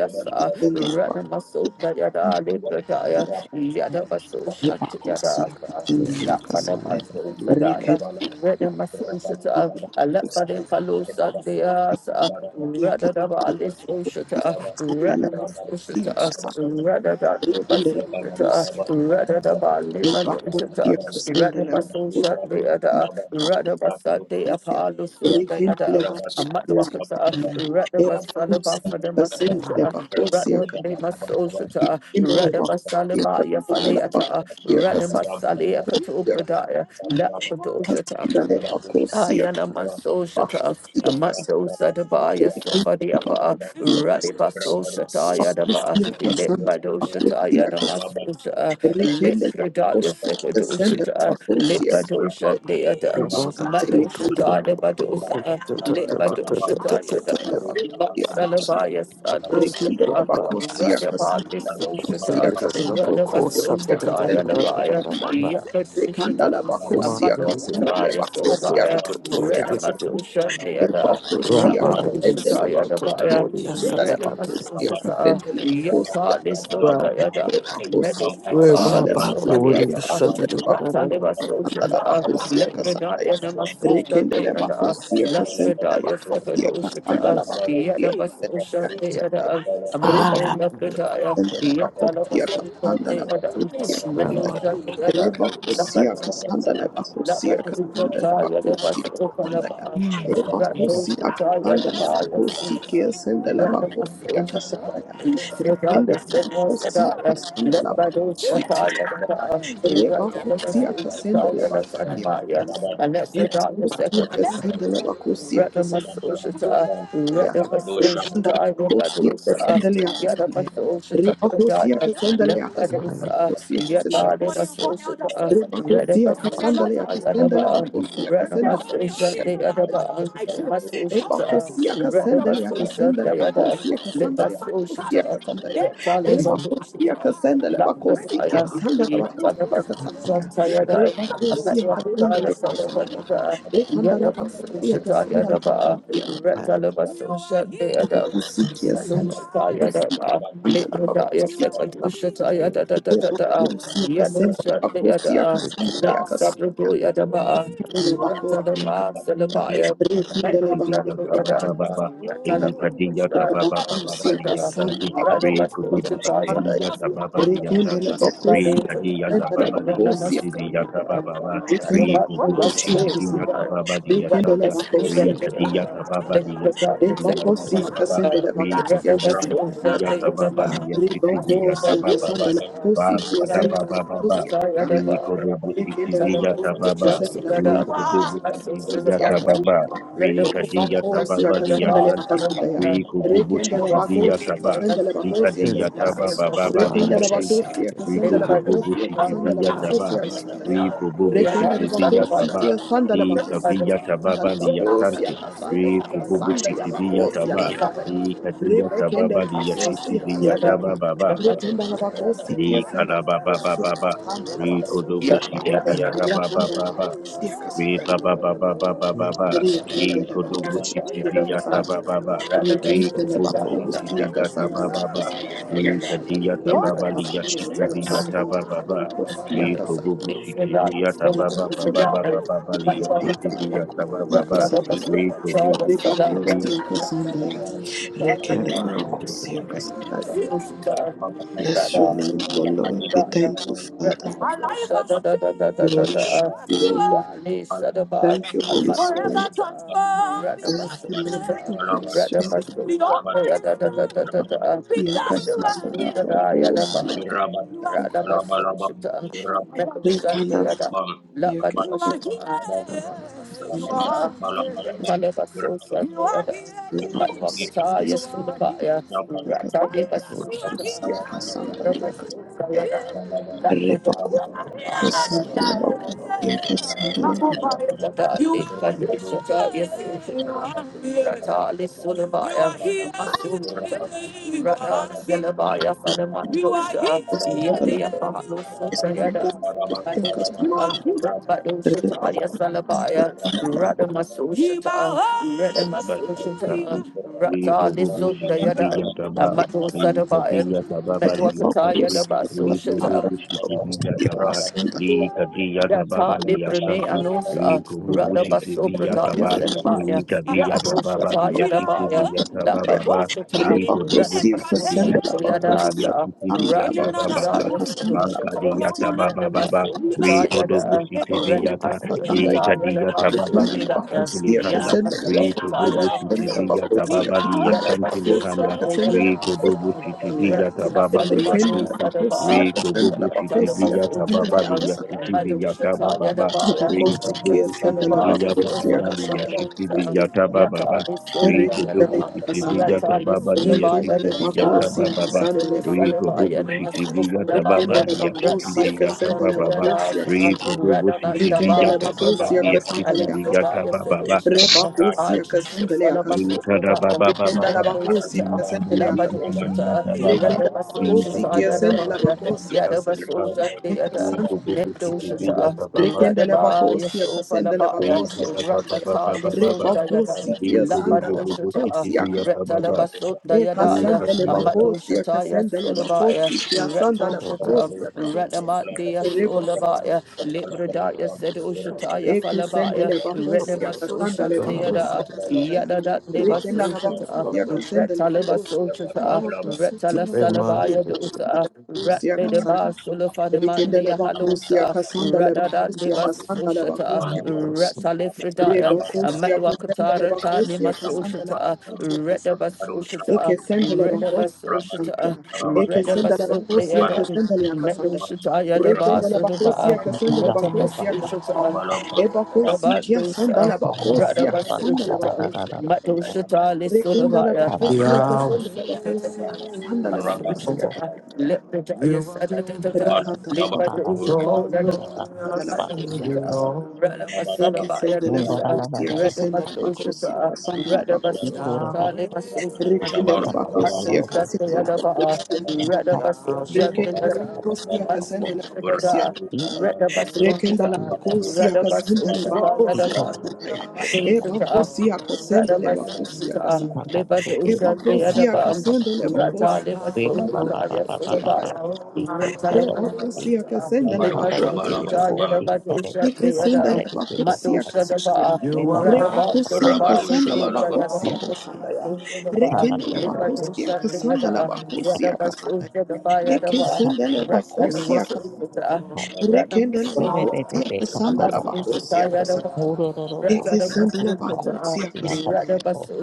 Sandala Bacosia Yada Yepakosia asa. katendele Lafana yakasaya. baso Reketusia sadaya. Rene Masusha, Alafade Palosa, Deasa, Radadaba ketendele Alice Oshata, Rene sandala Masusha, sia kasa. Radada Rekendele Basosha, kosia. Radadaba Lima Yepakosia Dosha, Rene kasendele kosia. Masusha, Deada, Radabasa de Apalo Sunda Rekendele Yada, kakosia Amatwakata, kasandala. Yepakosia Radabasalaba for the kasendele Masota, kakosia Radabne Masota, kasendele kakosia kasandala kakosia Radabasalaba kasandala kasandala Yafaleata, kakosia kakosia kasandala. Rekendele Radamasalia Katobradaya, Lapadoshata, Ayana Maso Shata, Amando kasih. Sadabaya kakosia Sofadiapa, Rabba kasandala. Radiba So Shata Jesus. Yadaba, Pakusiakasanda, Litbado Shata Pakusiakas, Yadamasosha, Rikende, Litradaya Sekado Pakusiakasanda, Shit. Shata, Bus. Litbado Pakusiakasanda, Rabbi, Shatayadan, Shut. Take Mado Rikende, Shata Debadosa, Lebakanda, Litbado Shata Yadan, up. Shut. Pakusiakasanda, Matsalabaya Sado Bus. Rikende, Shata, Bus. Radaba Pakusiakasanda, Liso Shata, Pakusiakasanda, Radaba So Yadabaya, Pakusiakasanda, Rikanda, Yakasishatas, Pakusiakasanda, Amadwakataya Sodabaya, Pakusiakasanda, Jesus. Renamasosha Deada, Levacosia Casende Rakadoshata Lebacosia Yadabaya, and I the take Levacosia Renamasosha, Casende Levacosia Yakali Sota Yada, Casende my Levacosia The Medisita shut. Levacosia Yasomaliaka, Casende Levacosia Ratalimasosha, Levacosia Casanda Lebrinaya Namasosha Rekende Deada, Levacosia Casende Labrinaya Levacosia Casanda Sakadoshata, Levacosia Yadamasosha Deada, a Ah, Casanda muscle that. methodaya, Sandala yet all of Bakosia us in the Kasandala other, Bakosia Something. metal Kasandala cell the other. Reba Let by Kosia those Kasandala Ataya, Bakosia Kasandala the Bakosia Ratamasuka, Kasandala Mm. Reba Mm. Kosia Kasandala Bus. Bakosia Sandala Bakosia Kasandala the Reba Kosia Kasandala Shit. Bakosia Reba Kosia Kasandala Mm. Sadabaya, Bus. and let's Shut. regard the second. Bakosia Kasandala Radamasoshita, ya rikanda Radamasoshita, kosi Rabadosa, kesendele ya kesanda ya Yadabasoshita, riba kosi ya Pradaya, kesendele ya kesanda Namadosa, kosi ya kesendele Yadabasoshita, riba kosi ya kesendele ya Radamasoshita, kesendele ba Yadaba, kosi ya kesendele ba kosi ya Radamasoshita, kesendele ya Yadaba, kesanda ya riba Masoshita, kosi ya kesendele ya Radamasoshita, kesendele ba Yadaba, kosi ya kesendele ya kosi ya Lebasoshita, kesanda ya Yellow you riba kosi ya kesendele ba Remember, kosi ya kesendele ba kosi ya kesanda ya riba kosi ya kesendele ya kesanda ya rikanda la ba kosi ya kesendele ba kosi ya kesanda Bakusikia senda bakusi andala bakusi akile bakusi akasenda bakusi akasanda akasanda akile bakusi akasanda rekindele bakusi Ikudiyata-ba-ba-ba-ba. akasanda akile bakusi akasanda Ikadiyata-ba-ba-ba-ba-ba-liyashanti. la bakusi akasanda rekindele Rikudubusitidiyata-ba-ba-liyashanta. Look by bakusi the andala time, what I bakusi must say, Rikadiyata-ba-ba-liyasitidiyata-ba-ba-ba. what rekindele about what must bakusi say, akasanda what the rekindele Rikububusitidiyata-ba-ba-liyashanta. best bakusi present, make akasanda liyasitidiyata ba the God le in second, what bakusi akasenda le bakusi the best akasanda is that they have Ribokosia kasanda la kosi kiasenda la kosia kasanda. Berapa Ikinde la kosia kasenda la kosia kasanda la Rikadiya Rebacosi, Tababali Casandele, Yatanti, Casandea, about. Rikububu Rekendele Sitiviya Thank Bacosi, Taba, Casandele you. Bacosi, Rikadiya Thank Casandea, Taba Bababali Rekendele Yashinti, Bacosi, Casandele Rikububu Bacosi, Casandele Sitiviya Taba, Bacosi, Casandea, Rikububu Rekendele Sitiviya Bacosi, Taba, Casandele Bacosi, Rikaviya Casandele Tababali Bacosi, Yasanti, Casandea, Rikububu Casandea Sitiviya Bacosi, Taba, Casandea. Rikadiya Rebekendele Tababali Bacosi, Yashitiviya Taba Casandea, Baba, Rekendele Bacosi, Casandele Bacosi, Rikarababa Baba, Casandele Bacosi, Rikudubu Sitiviya Casandele Baba Bacosi, Re Casandea, ba ba ba ba ba ba ba ba. Re Rekendele Bacosi, kodobu shiti vi yata ba Sandaya. ba ba. Re Rekendele kobubu shiti you. Bakusia vi yata ba ba Casandaya ba. Casandaya. Re Thank kadi yata ba Kendele ba li Bakusia yashiti vi yata ba Casandaya. ba ba. Re Bakusia Casandaya. kobubu shiti vi yata ba ba ba Rekendele ba ba ba ba ba Bakusia li yashiti vi yata ba ba Casandaya. Bakusia ba. Casandaya. Re kobubu shiti vi Rekendele Bakusia Casandaya. Bless your name, O Lord. We thank you. you, Father. My life of Jesus, We worship bless you, O you Lord. are. Thank you, Holy Spirit. Forever transform Thank because you, Lord. We bless your name. you are. The Almighty Bakusia God, because you are Casandaya. here. You are Bakusia you Rikandala Bal are here. You are here. You Rabban are yakasanta Rabban Rabban Rabban sandalero Balam Balam Bernakan Tidak Tinggi repakosi here. You are Siapa here. Ustaz Rattle Because you are Rabban Rabban here. Rabban yakasanta yakasandala Rata yakasaya Balaba repakosi Abal yakasandala Balam bakosi yakasandala Balam Balam Balam Bermadu Rabban Rabban Rabban bakandala yakasandala Rabban Rabban bakosi Rabban yakasanta Rabban Balam repakosi yakasandala bakosi repakosi Balam We go Rabban Rabban bubu city, Balam be yataba, we kadi yatababa, Metuakataya liyasanti, Dabaso we go Shata bubu yakasandala city, be bakosi yataba, Bernakan we kadi Yata yatababa, librene Rabban liyasanti, Rabban anosa we go bubu rada city, baso be prata ya yataba, yakasandala senabaya we ya kadi adosha yatababa, ta ya liyasiti, be dabaya la yatababa, badosha ta we go bubu rada Rebacosia city, be masosha Cassandra to ya yatababa, Bacosia dasa liyasiti, be Cassandra rada yatababa, prata Bacosia ya Cassandra banka di Bacosia senabaya rada yatababa, Baba, masosha ta we go ya bubu da city, be Bacosia rada yata, masosha Cassandra we ta ya kadi la baso yatababa, Retuna prata ya liyasanti, Bacosia lihanda. ya Cassandra masosha Rico ta Bacosia ya Bobo la City Cassandra masosha Villa ta ya Bacosia Tababa Lia da Cassandra baso Chantili Bacosia Handa, prata ya Cassandra Rico dasa Dobo City Bacosia Cassandra Villa rada na Tababa fala Lia Retuna Sinti, badosa Bacosia Rico Rather, Cassandra Bobo City Bacosia Villa Tababa Cassandra Cassandra Bacosia Lia City Villa Tababa, Rico Bobo City Cassandra Villa Bacosia Tababa Lia Cassandra City Bacosia Villa Tababa, Rico Rekindele Dobo City kasandaya. Villa Tababa Lia Rekindele City Villa bakosia Tababa, kasandele Rico bakosia. Bobo City Villa Tababa Rekindele Lia City bakosia Villa kasandele Tababa, bakosia Rico kasandaya. Dobo City Villa Rekindele Tababa bakosia Lia City kasandele Rabban Villa akasandaya. Tababa, Yang Santai Rebakosia kasandele akasandaya. Ritada Baba baba Rekindele baba Para bakosia Ustaz Ritodo kasandele akasandaya. bosiki Rabban ligata baba, Rekindele Rita bakosia ligata kasandele baba Rabban bakosia kasandaya. Kansuri Bernakan hanga. Yadabasosha Deada, Ritodo Rabban Ekasandaya bosiki kasandaya. Rabban Medoshata, ligata baba Rekendele bako Radabaya osia kasendele bako Sofalabaya, osia Ritada baba kasandaya. Ratata baba, baba, Rebako Lisundayada, Ikodobosikiliyatababa. sikia sandale bako Labadoshata, osia Ikadiyakabalikantulihanga. Ikodobosikiliyatababa. baba, kasandaya. Retalabasundayadaya, Ikodobosikiliyatababa. Ekasandele bako Ikadiyaka- osia Amadoshataya kasendele bako Sulabaya, sikia sandale bako Retoshata, osia kasandaya. Radamat dea Rabbit, Rebako solabaya, Rabusokotoya, osia Libradaya said kasandaya. Oshataya falabaya, Ekasendele bako osia Renamas kasandale bako remember, Rabusokotolaba, osia Oshanteada, kasandaya. Yadada neva Rekendele bako Soshata, osia Rabusokotoyaraba, kasendele bako Retaleba Soshata, Retala Rabusokotoyaraba, remember, Salabaya dota, osia kasandaya. Ratnedeba Sulafanaman dea Rikindele bakusia Halosa, kasandale Radada bakusia neva kasandale Soshata, bakusia kasandale. Retalefridaya, Rebakusia kasandale Amatwakatara bakusia Tanima kasandale Soshata, bakusia kasandale. Redabas Eke Oshata, sendele bakusia Redabas Oshata, kasandale. Eke sendele bakusia Redabasobayada, kasandale kasandale. Medoshataya the Rekindele bakusia Basodaba, Ikan kasandale bakusia kasandale. Retabasushata, Ebakusi kia Radabandosa, sandale bakusia kasandale Radabasushata, bakusia kasandale. Rekindele Madoshata bakusia kasandale bakusia Lisolabaya, kasandale bakusia kasandale. let the giants Rekenda live by Balabalaban, the ocean. Urabushaban, Rather, my son Balabalaban, about your dosa, Urabushaban, rather, my social, Uraban, rather, my Shabaraban, social, live my social, Urabu my Shabarabaraban, social, the other bar, Shabarabaraban, rather, my social, the Baru other. Shabaraban, Basso Shadada, Urabaru Reda Basso Shabarabaraban, Shata, Urabaru Reda Basso Shabarabaraban, Shata, Reda Basso Urabaru Shabaraban, Shata, Reda Basso Shabaru Shata, Leba Dosha, the Adabam, Rata Leba Shata, la Yasulabaya, Rata Le Leba bakosia kasenda Shata, le Shabarabaraban, Urabaru Leba dari bakosia dari Shabaraban, Dosha, kasanda. Urabaru bukti, Shabarabaraban, Yadaba dari Le Dosha, segi the kepada kasenda le Adam, dari bakosia bukti. Matosha kasanda. Daba, Re Ikara Radaba bakosia Shadaba, Rada kasanda Basso, le the Urabalabalaban, Urabaru Shabaraban, bakosia Sita kasanda ya. Re kende le bakosia kasanda le bakosia kasanda. Rather, Le kasenda le bakosia kasanda. Re kende le bakosia kasanda le bakosia kasanda. Le kasenda le bakosia kasanda ya.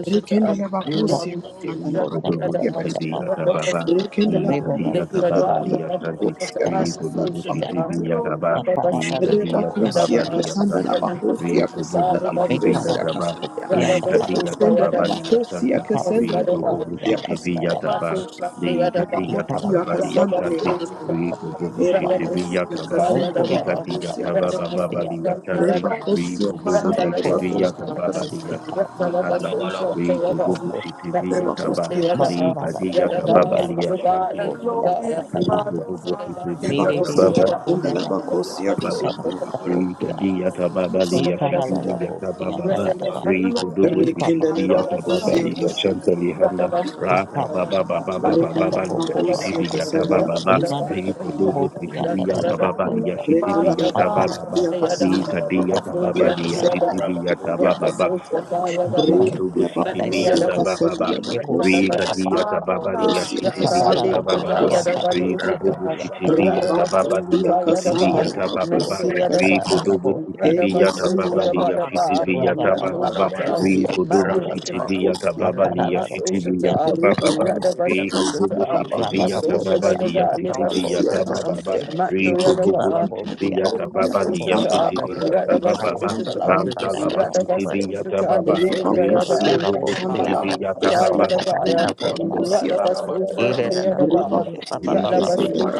Re kende le bakosia kasanda le bakosia kasanda. Yagababa, Rekendala Igadia Gababa Yakasanda Lia Santi, Kosia Kasanda Rigodobo Citibi Bakosia Yagaba, Ligadia Rebakosia Gababa Lia Kasanda la Santi, Bakosia Kasanda Rigobobo la Citibi Bakosia Yagaba, Kasanda ya Ligadia Kesenda la Gababa Lia Bakosia Santa, Thank Kesenda la Rigobobo Bakosia Citibi Kasanda Yagaba, you. ya Ligadia Bakosia Gababa Lia Kasanda la Santi, Kasanda Rigobobo Citibi Ebakosia Yagaba, Kasenda la Ligadia Bakosia Kasanda Gababa Lia Santi, Rebakosia Rigobobo Kasanda y la por Citibi la Bakosia Yagaba Lia Kasanda práctica Santi, Rika bubu tampoco siti Rebakosia Kasanda Bakosia viya Ebakosia Kasanda taba. matará Rika la diya Thank taba polla la ya shanti ni polla hondo. para Rika taparla bubu siti viya mire de taba de bali ya vacuna la la siti viya Bakosia taba mática baba. la Kasanda Rika polla diya taba y bali ya cara siti la la viya taba polla baba. tata tapa Rika dubu y siti tata Rekendele tapa viya taba bakusia bali ya kasanda shanti ni Rather, honda. ya Raka kasanda ya. baba the baba y baba tata Rekendele baba tapa li ya poco siti bakusia tapa viya kasanda taba la baba. y bakusia manda Rika kasanda la dubu siti polla bakusia viya tata kasanda. tapa taba bali ya polla siti viya Rekendele matar taba la baba. bakusia polla kasanda Rika diya tata tapa taba bakusia ya polla la kasanda la bakusia taba baba. kasanda ya. la la la la Roto Rekendele Bushiti bakusia Viyata kasanda la Baba. la bakusia la Rika la kasanda. la Diyata Baba Kosia Liyashiti kasanda Viyata la Baba. kosia Riko kasanda. Dubu Shiti Reba Viyata Baba Urabaru kosia Liyashiti kasanda la Viyata Rather, Baba. kosia Shabaraban, Riko kasanda. Dubu Shiti Eke Viyata sanda la Baba Liyashiti kosia Viyata kasanda la Baba. Rabarabaraba, kosia Riko Dubu Rabadoshabaraba, kasanda Shiti la Viyata kosia Baba kasanda. Liyashiti Viyata Reba Baba. kosia Riko Bubu kasanda la Shiti Viyata kosia Baba kasanda la Liyashiti kosia Viyata Ikara kasanda Baba. Riko Eke Bubu Shiti Viyata kosia Baba Liyashiti Viyata kosia Baba. Rabadoshabaraba, kasanda kosia Rantalaba Definition Shiti Viyata Baba. Rabarabaraba, Thank you, Rebacosia Jesus. Casandala Thank you, Bacosia Rabadoshabarabaraba, Casandala Rather, Bacosia Casandaya Rabadoshabarabaraba, Rebacosia Casandala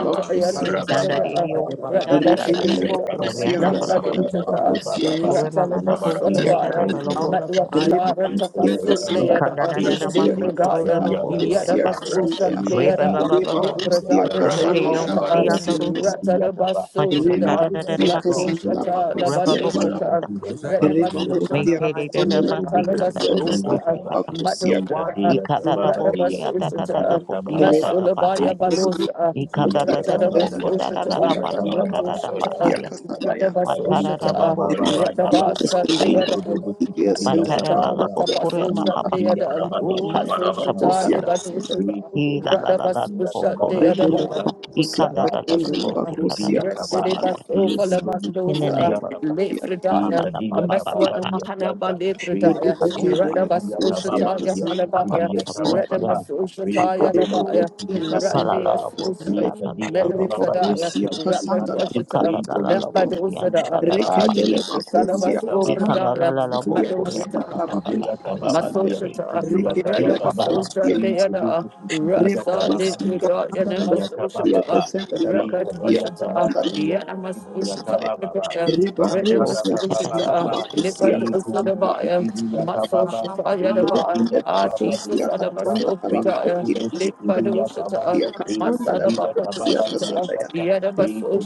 Rabadoshabarabaraba, Rabadoshabarabaraba, Bacosia Idandariosia da da Rabadoshabarabaraba, da da Rekindala bo Korea Bacosia ba you. ba ba Shabarabara, Rabadoshabarabaraba, ba Casandala Rabadoshabarabaraba, Bacosia Korea la Casandia la la bosia da la la la Casandaya Lord. bosia Thank you, Jesus. Rebacosia Thank you, Casandala Lord. Ikanda na na na Bacosia masi koro ro Casandala ro Rabadoshabarabaraba, bosia Bacosia Casandaya Re Rabadoshabarabaraba, ba Rabadoshabarabaraba, ba ba ba ba Rebacosia Casandala Ikondariosia Shabarabara, da Bacosia ro Casandaya ro Masya da Rebacosia Casandala Bacosia Casandala Thank Reba you, kusia kusanda Ni la kububu kusia kukibiga kusanda taba. la kusia Ni kasandala Madhubaya, tadia da tamama ni boshi, ya kukibiga Radhabasushita, tama reba baba. Shabarabara, Ni Masulabaya kusanda kububu Balosa, kukibiga kada kusia tamama kusanda ni ya la Ratadabasushita, kusia kukibiga tama kusanda la baba. da Ratushita, kusia bahaya, kusanda ya Ni matara da da kaba Radhabasushita, boshi, baba baba baba. Radhabasa, the kusanda Ni la other. kububu kusia kukibiga kusanda Matara la tama la Matushita, the la baba. bokore ma Ni Tapasusha, pa pa the pa tadia pa other. pa tamama si ni ya kada pa kusia kusanda la ta Rabado Matsushita, kusia the kukibiga boshana. kusanda Batushita, Ni I la kububu la la la kukibiga Radhabasushita, tamama bokore pa. ni ya rekenda la kukibiga. I kusia the kanda other. la la Ratu kusanda la ni la bosi kada kusia kukibiga taba. Rested kusanda by la kusia kusanda la bohaya. so Ni full kusia of kusanda kububu In the rekenda la name mandosa, kukibiga of taba. late kusia da Fridaya, da pa a Ikadiya pa mess pa pa one tababa of pa liya Mahana by santa. late Riko Fridaya, pa bubu pa pa Radabas sikidiya tababa Ushataya liya kusanda pa la pa pa Falabaya, pa sikidiya pa kusia bosi an tababa. Redamas pa Riko pa Ushataya bubu Labaya, Rebacosia I sikidiya Cassandra kala la tababa. la Radias bosi Cassandra an Usam, da da Ikadiya da la Metal tababa bosa. liya Sadaya, Rebacosia shanti Rapid Cassandra lihanda. I Ushata, kada la Labacosia Riko la la bubu Cassandra Lambado bosi an sikidiya Sada, da da da tababa Ah pa Rekindele liya pa. Jesus, sikidiya Bacosia Salabas I tababa. Cassandra kanda la Obradaya, la la Bacosia bokore pa Madoshita, Cassandra pa pa pa Labacosia pa Rikububushitivia pa ya la tababa, ba Cassandra si. Masoshata, I Rada Rekindele kanda la Masosha, Bacosia Leada, Rasa, Rebacosia Didrida, Cassandra Yana Labacosia Masoshata, Cassandra Raka Labacosia Toshata, Yana Cassandra Masoshata, Pradaya, Rada bosi bacusia kada da Cassandra da Masoshata, pa. Lipa Labacosia Cassandra Dosadabaya, Masoshata, Yadaba, Rekindele Ah, Jesus, Bacusia Hassan de Alamaso, la Pradaya, bacusia Labacosia Lipa Doshata, Tia kasanda la Masalabaka bakosia Toshata, kasanda ya Yada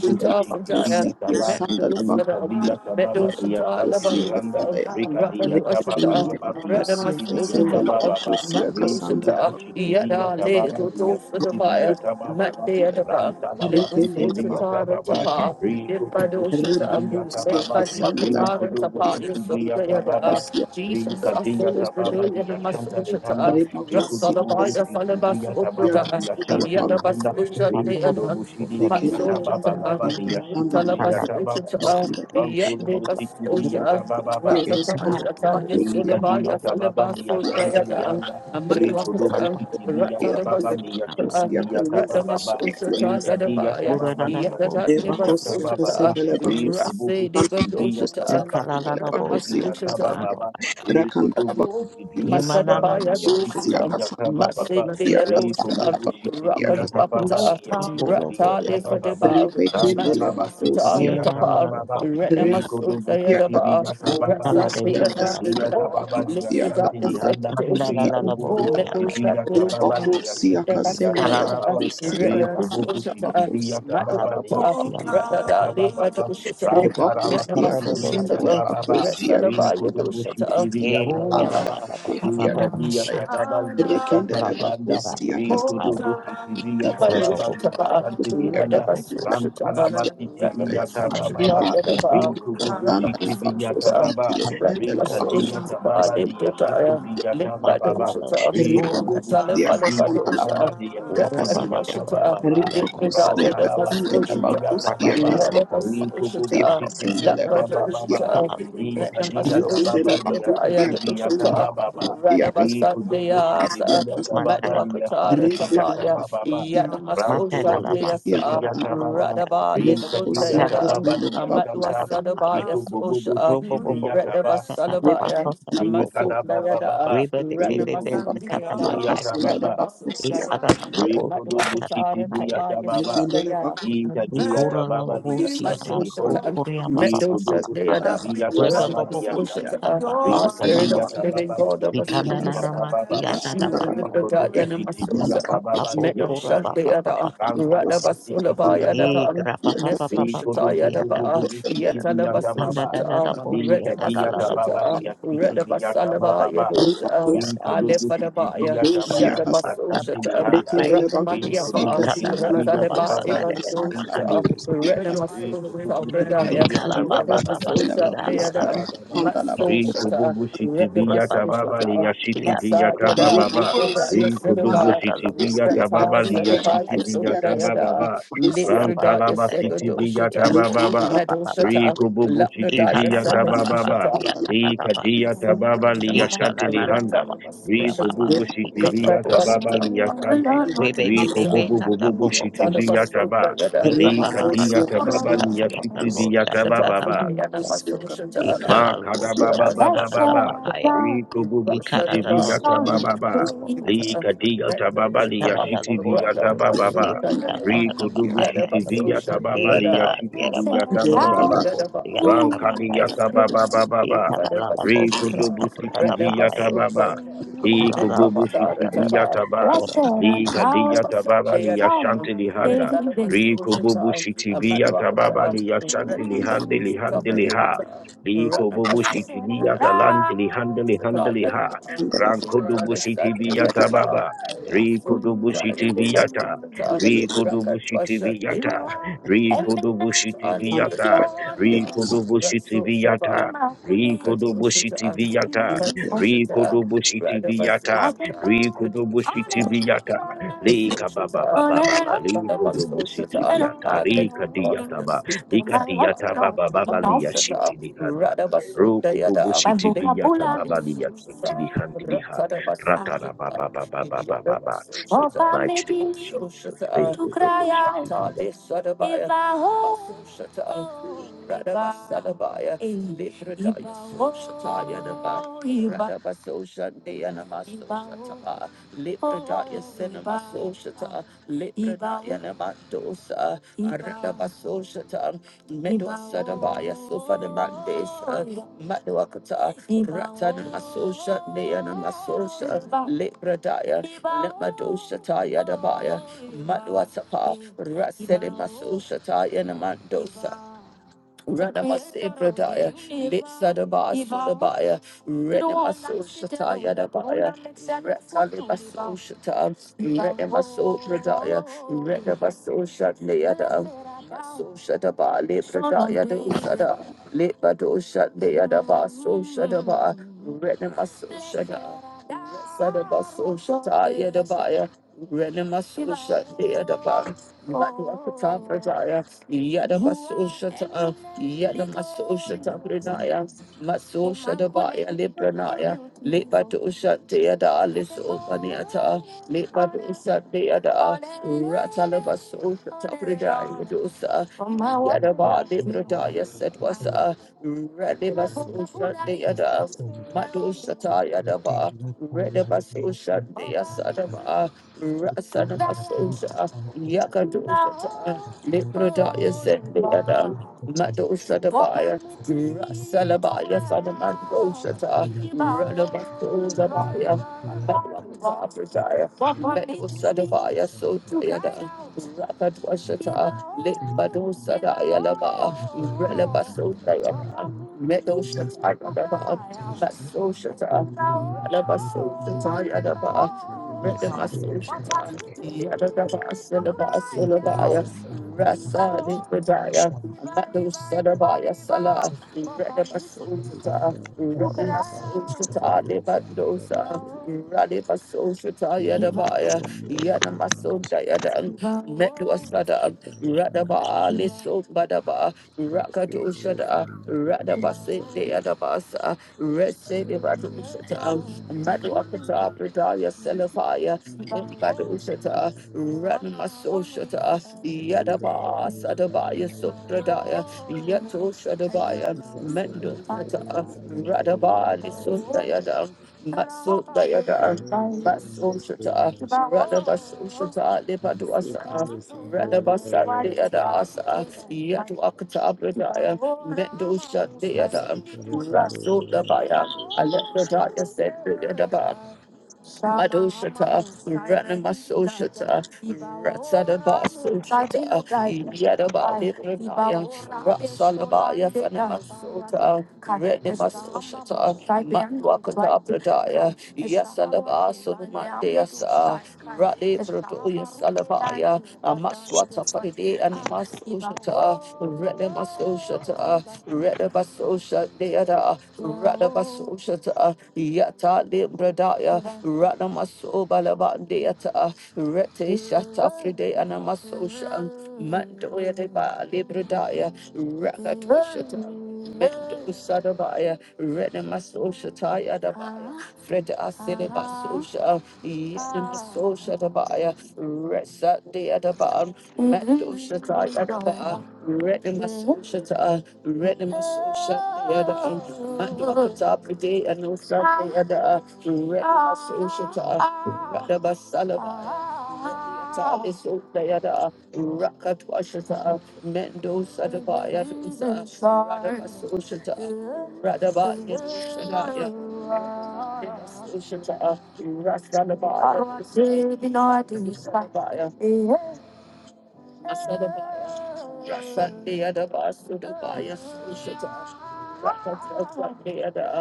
kunde la Pradaya, bakosia sanda la Mendoza, bakosia Rikavia Meadow tababa, kasanda la Shita, Liyashanti bakosia Lihanda, kasanda Labarusa, ya Rika di Rapa to yataba rekende Ashita, baba la ba di bakosia Radamas yasiti di kasanda Mm. la yataba baba. Uchitapa, bakosia Mando Riko kasanda la tuku Shita, shiti di Yada yataba Le ba di Roto for the yasiti di Maya, yataba baba. Mandea bakunda ya. Ram Daba, talaba Limus rekende siti la di yataba Uchitara bakosia baba Tapa, kasanda Riko Limbado tuku la Shita, shiti di yataba bakosia baba Limbado kasanda la Riko Akatara tuku Tapa, shiti di Yasunda yataba baba Yada, bakosia Jesus, kasanda la Rika di Asola yataba bakosia baba Brunel, di kasanda Yadamas yashanta di Uchita, handa. re Riko bakosia bubu Rasalabaya, kasanda shiti di Falabas yataba la bakosia kasanda la ba di Uprita, bakosia kasanda yashanti di Yadabas handa. Kanda Riko la tuku Uchita, bosi shiti di kada yataba Rasa baba ba di yasiti la di bakosia yataba baba. Shut. kasanda ya. Ram tulu busiti di Rebekia yataba baba. Rebekia Ah, Likadiya Tababa Liya Shanta Lihanda, shut. Kodobu Sitiviya Tababa Liya Ah, Shitiviya Cassandra Tababa, shut. Bakusia Kadiya Tababa Liya Shitiviya Tababa, Kodobu de Sitiviya Badosha, Tababa Liya Ranamas Shitiviya Ocean, Ah, no, Tababa, Kodobu Sitiviya Papa. Tababa Masadabaya Liya Shut. Tushita, Shitiviya Tababa, Masidia No, Dosha, Kodobu Cassandra Rakat Sitiviya Papa. Tababa Shut. Liya Apata, Shitiviya Rata Tababa, Lifadeba, Santa Laba Makusita Sitiviya Ratapa, Tababa, Rena Ah, Kodobu Masutaya Papa. Daba, Sitiviya Tababa, Rasa Dea Inta dia Sada, tababa liya Lifida shanti lihanda. Ri Sekatoshita, kububu shiti Metusha viya tababa Dea. liya Rebacosia shiti viya Cassandra, Redabasoshita, tababa. ba. Rebacosia Ri kububu shiti Redabasoshita, viya tababa liya Madhuapata, shiti viya Radada tababa. Leva ba. Cassandra, Doshita, Ram tarawa Rebacosia shiti viya Cassandra, Redamasoshita, tababa. ba. Rebacosia Ri Resalabaya Cassandra, kububu Doshata, shiti viya Hey, Rebacosia yeah, tababa. la Cassandra, ba Hosanna, ba. ba ba ba Ah, ba Rebacosia Ri ba ba no, kadia tababa liya Rekende shanta la ba ba lihanda. ba ba Rebacosia Ri I Cassandra, ba. kububu shiti viya Hi, ba tababa Rebacosia ba liya Madushitaba, Cassandra, shanti Ikka ba lihanda. ba. Rebacosia Ram Radamasoshita, tarawa shiti viya Ikut aku shut. lah tababa. Radamasoshita, bos. ba. Ikut aku bos. Ya, Yadaba, Ri kububu Cassandra, shiti viya Radamasoshita, Rebacosia tababa. Cassandra, ikut aku bos ya. Rebacosia Rinkadiyata Radamasoshita, baba liya Cassandra, shiti Lindotaya, viyata baba Macam ada ba. Limbadoshita, bos ya. Ba Rikububu ba Ripocosia ba. shiti ba. viyata Cassandra la Salafalabadosha, baba liya Bacosia Ora shiti ba ba ba Cassatia, viyata ba Radamasoshita, ba. baba ba. Ya, ba ba Lindodaya, ba Ripocosia Rantalaba Cassandra la shiti Namasoshita, viyata Bacosia baba. Mata ba. Macam ada lah Cassandra bos ya. Yadamasoshita, Ba ba Bacosia Rikububu ba. shiti Cassandra la viyata baba Bacosia, ba. Labadoshita, Salam bos ya. Ba Sala ba Rinkadiyata Ritinda Radamasoshita, la baba liya Prodaya, Bacosia shiti Cassandra viyata Doshita, la ba. baba ba. Bos Bacosia ya. Rikububu shiti Cassatia Radabasandayasa. viyata Macam Cassandra, baba ada ba liya ba Medwakatara ba shiti ba Ritinda ba la viyata Tapaya, ba. baba ba. Bacosia Macam ada Yadamasosha lah Rantolobu bos. shiti Bacosia Deasa, Ora la Cassandra, viyata la ba baba. ba Radaba Lisot Mata Rebacosia la Rinkadiyata la Deadam, ba. baba Macam ada lah Cassandra la bos liya Bacosia Cassandra, Rebacosia Cassandra la Bacosia ya. Ba Amatwa ba shanta. ba. Cassandra, Sadabaya Rikububu Sosha, shiti viyata baba. Redaba Salabaya, Amatsu Nikada baba Dayada, baba, Rico Ratnamasu Bubusi Dayada, Via Tababa, Redabasu Dayada. Rico Dobusi Madwakatara Via Tapaya Tababa, Ritinda la Inta Bacosia dia Tababa Lia Rekindele Shantili Sundaya, Hondo, let Rico those that they Dobusi are As done. we Via Let us Tababa Lia worship Shant, worship the your our mighty Rica spirit dia of the living God of us. Ikadabababa, Rikobubusikidiyatababa, Yeshua, Liberta, Yanamasosa, Rikodobusikidiyatababa, Ikadiyatababa liyashantelihondo, Rikodobusikidiyatababa liyasham- Rikadiyatababa liyasikidiyatabababa, Rikodobusikidiyatababa Metal liyashinti, Shantayada, Radaba Sulabaya, Kansalabasikidiyatababa, Davan, Meso Shataya, Dava, Ikanda Rikodobububububusikidiyatababa, da da Yatalabasoshata, da bosia da da da da Rikadiyatababa Redamasoshata, bosia Redabasalaba liyasikidiyatabababa, da Yadosa, bosia Vinko da. dogo shiti Alefadabaya, viga Ikana kababa liga sante Yatabasoshata, lihanda. Vinko Rathamaliafa, dogo shiti viga Ratsalaba kababa liga sante lihanda. Evasoshata, Redamasoshata, Bredaya, Tababa Yatabasosha, Liashanti, Leadam, Rico Matsoshata, Redamasoshata, Matsa Yada, Lefadaya, Rebacosia Sedaba, Casandra Bacosia Retta, Cassandra Sedaba, Bacosia Cassandra Yasodayada, Bacosia Lefrida, Yasegadoshata, Recandra Medusa, Lapnodaya, Samasita, Rotana Masosita, Rebacosia Bitbaduapata, Medusa, Cassandra Bobo Bobo Rotana Shiti Via Taba, Masota, Ikala Rika dia Rebacosia tababa Cassandra liya shiti Bacosia viya Shut up for tababa. me and I'm a Cosia social. Cassandra Ma kada Bacosia baba baba Let's baba. shut down. Riku bubu shiti Cassandra viya Bacosia Cassandra tababa. Bacosia Recandra Bacosia rika dia Metal tababa shut liya up, shiti viya record of a tababa. social. Bacosia Cassandra Riku dubu The other shiti was viya tababa liya social. shiti Blessed Bacosia Cassandra Bacosia Cassandra Bacosia art viya thou. Cassandra Bacosia Cassandra Through the Blessed Rankadiyata art Baba thou, Son Baba of Ba. David. Rikudubushiti Viyata Baba. Ikububushiti Viyata Ba. Likadiyata Baba Liyashanti Lihanda. Rikububushiti Viyata Baba Liyashanti Lihandi Lihandi Liha. Likububushiti Viyata Landi Lihandi Lihandi Liha. Rankudubushiti Viyata Baba. Rikudubushiti Blessed Viyata. art thou, Rakatwa Rikudubushiti shut the You Viyata. are Eminently Rikudubushiti Viyata. glorious, immaculate, Rikodobushiti beautiful, adorable, on Viata, and on Rikodobushiti Viata, Rikodobushiti Viata, Rikodobushiti Viata, Lika Baba Baba Baba, Rikodobushiti Bacosia Viata, Rika No Diataba, Lika Diata Baba Baba Lia Shinti Lihanda. Roku bubu my shiti viyata vocabulary baba so liya shiti lihandi liha Rather, ratara Ah, baba baba if baba baba in the I mighty make name it of Jesus. to Reko cry dobo shiti out, viyata. if I hope, if I Libra Medwa Sadabaya Sofa the Mandesa Madwakata Ratana Masosha Neana Masosha Lepradaya Lemadosha Taya Dabaya Madwatapa Rasene Masosha Taya Namandosa Radabase Pradaya, Litsadaba Sudabaya, Renemaso Shataya Dabaya, Retalibaso Shata, Renemaso Pradaya, Redabaso Shatneada, Maso Shataba, Lepradaya Dosada, Lepado Shatneadaba, So Shadaba, Renemaso Shada, Sadabaso Shataya Dabaya, Renemaso Shatneadaba, Matua Prataya. Yadabasushata, Yadamasushata Pranaya, Masushadabaya Libranaya, Lipatushate Yada Alice Opaniata, Lipatusate Dosa, Yadaba Lipazula Libradaya lapha kuthanda Setwasa, ayekela Radibasushate Yada, kuthanda Madushata Yadaba, ikatela payana lapha Redabasushate kuthanda Yasadaba, ipayana Rasadabasushata, lapha kuthanda Yakadusata. akatu Librodaya said the mamanda other. lapha Mado kuthanda Shadabaya, katela lapha Rasalabaya, kuthanda Sadamando Shata, yapayana lapha Radabaso kuthanda Dabaya, Matwakataya, ipayana Mado lapha Shadabaya, so kuthanda Tayada, Thank Rakatwashata, Limbado Sadaya Laba, Relabaso Dayada, Medo Shataya Laba, Baso Shata, Labaso Shataya Laba, those are rights of God. Faithfulness and invaluable Rasa di rights of pedaya, madu sadabaya Salah. God. Faithfulness and invaluable. Oh, of it. Faithfulness rights. Rada Rakadosha Faithfulness and da invaluable rights of Radabasinde Adabasa Resede Badushata Madu Akata Pradaya Selafaya, Madu Shata, Ratna Soshata, Yadaba Sadabaya Supradaya, Yato Shadabaya, Mendo Shata, Radaba Lisundayada, Matsu Dayada, Masika Matsu Shata, Radaba Soshata, Libadu Asa. Radabasa de Adasa, Yatu Akata Bradaya, Mendo Shat de Adam, Rasul Dabaya, I let the darkness set the Dabaya. Madoshata, Ranamasoshata, Ratsadabasoshata, Yadabalibraya, Ratsalabaya, Fanamasota, Renamasoshata, Matwakata Pradaya, Yasalaba Sunumandeasa, Rale Brodoya Salabaya, Amaswata Faride Animasoshata, Redemasoshata, Redabasoshata Deada, Radabasoshata, Yata Limbradaya, Radamasobalabandeta, Rete Shata Fride Anamasosha, Mandoya Deba Libradaya, Rakatoshata. Mendo Sadabaya, Renema Social Taya Dabaya, Fred Asileba Social, Yenema Social Dabaya, Resa de Adaban, Mendo Shataya Dabaya, Renema Social Taya, Renema Social Taya, Mendo Katapi De Anosa Taya, Renema Social Taya, Radaba Salabaya. Rakat Washata, Mendo Sadabaya, Dusa, Radabasushata, Radabaya, Shadaya, Sushata, Rasadabaya, Sadabaya, Rasadabaya, Rasadabaya, Sushata, Rakat Washata,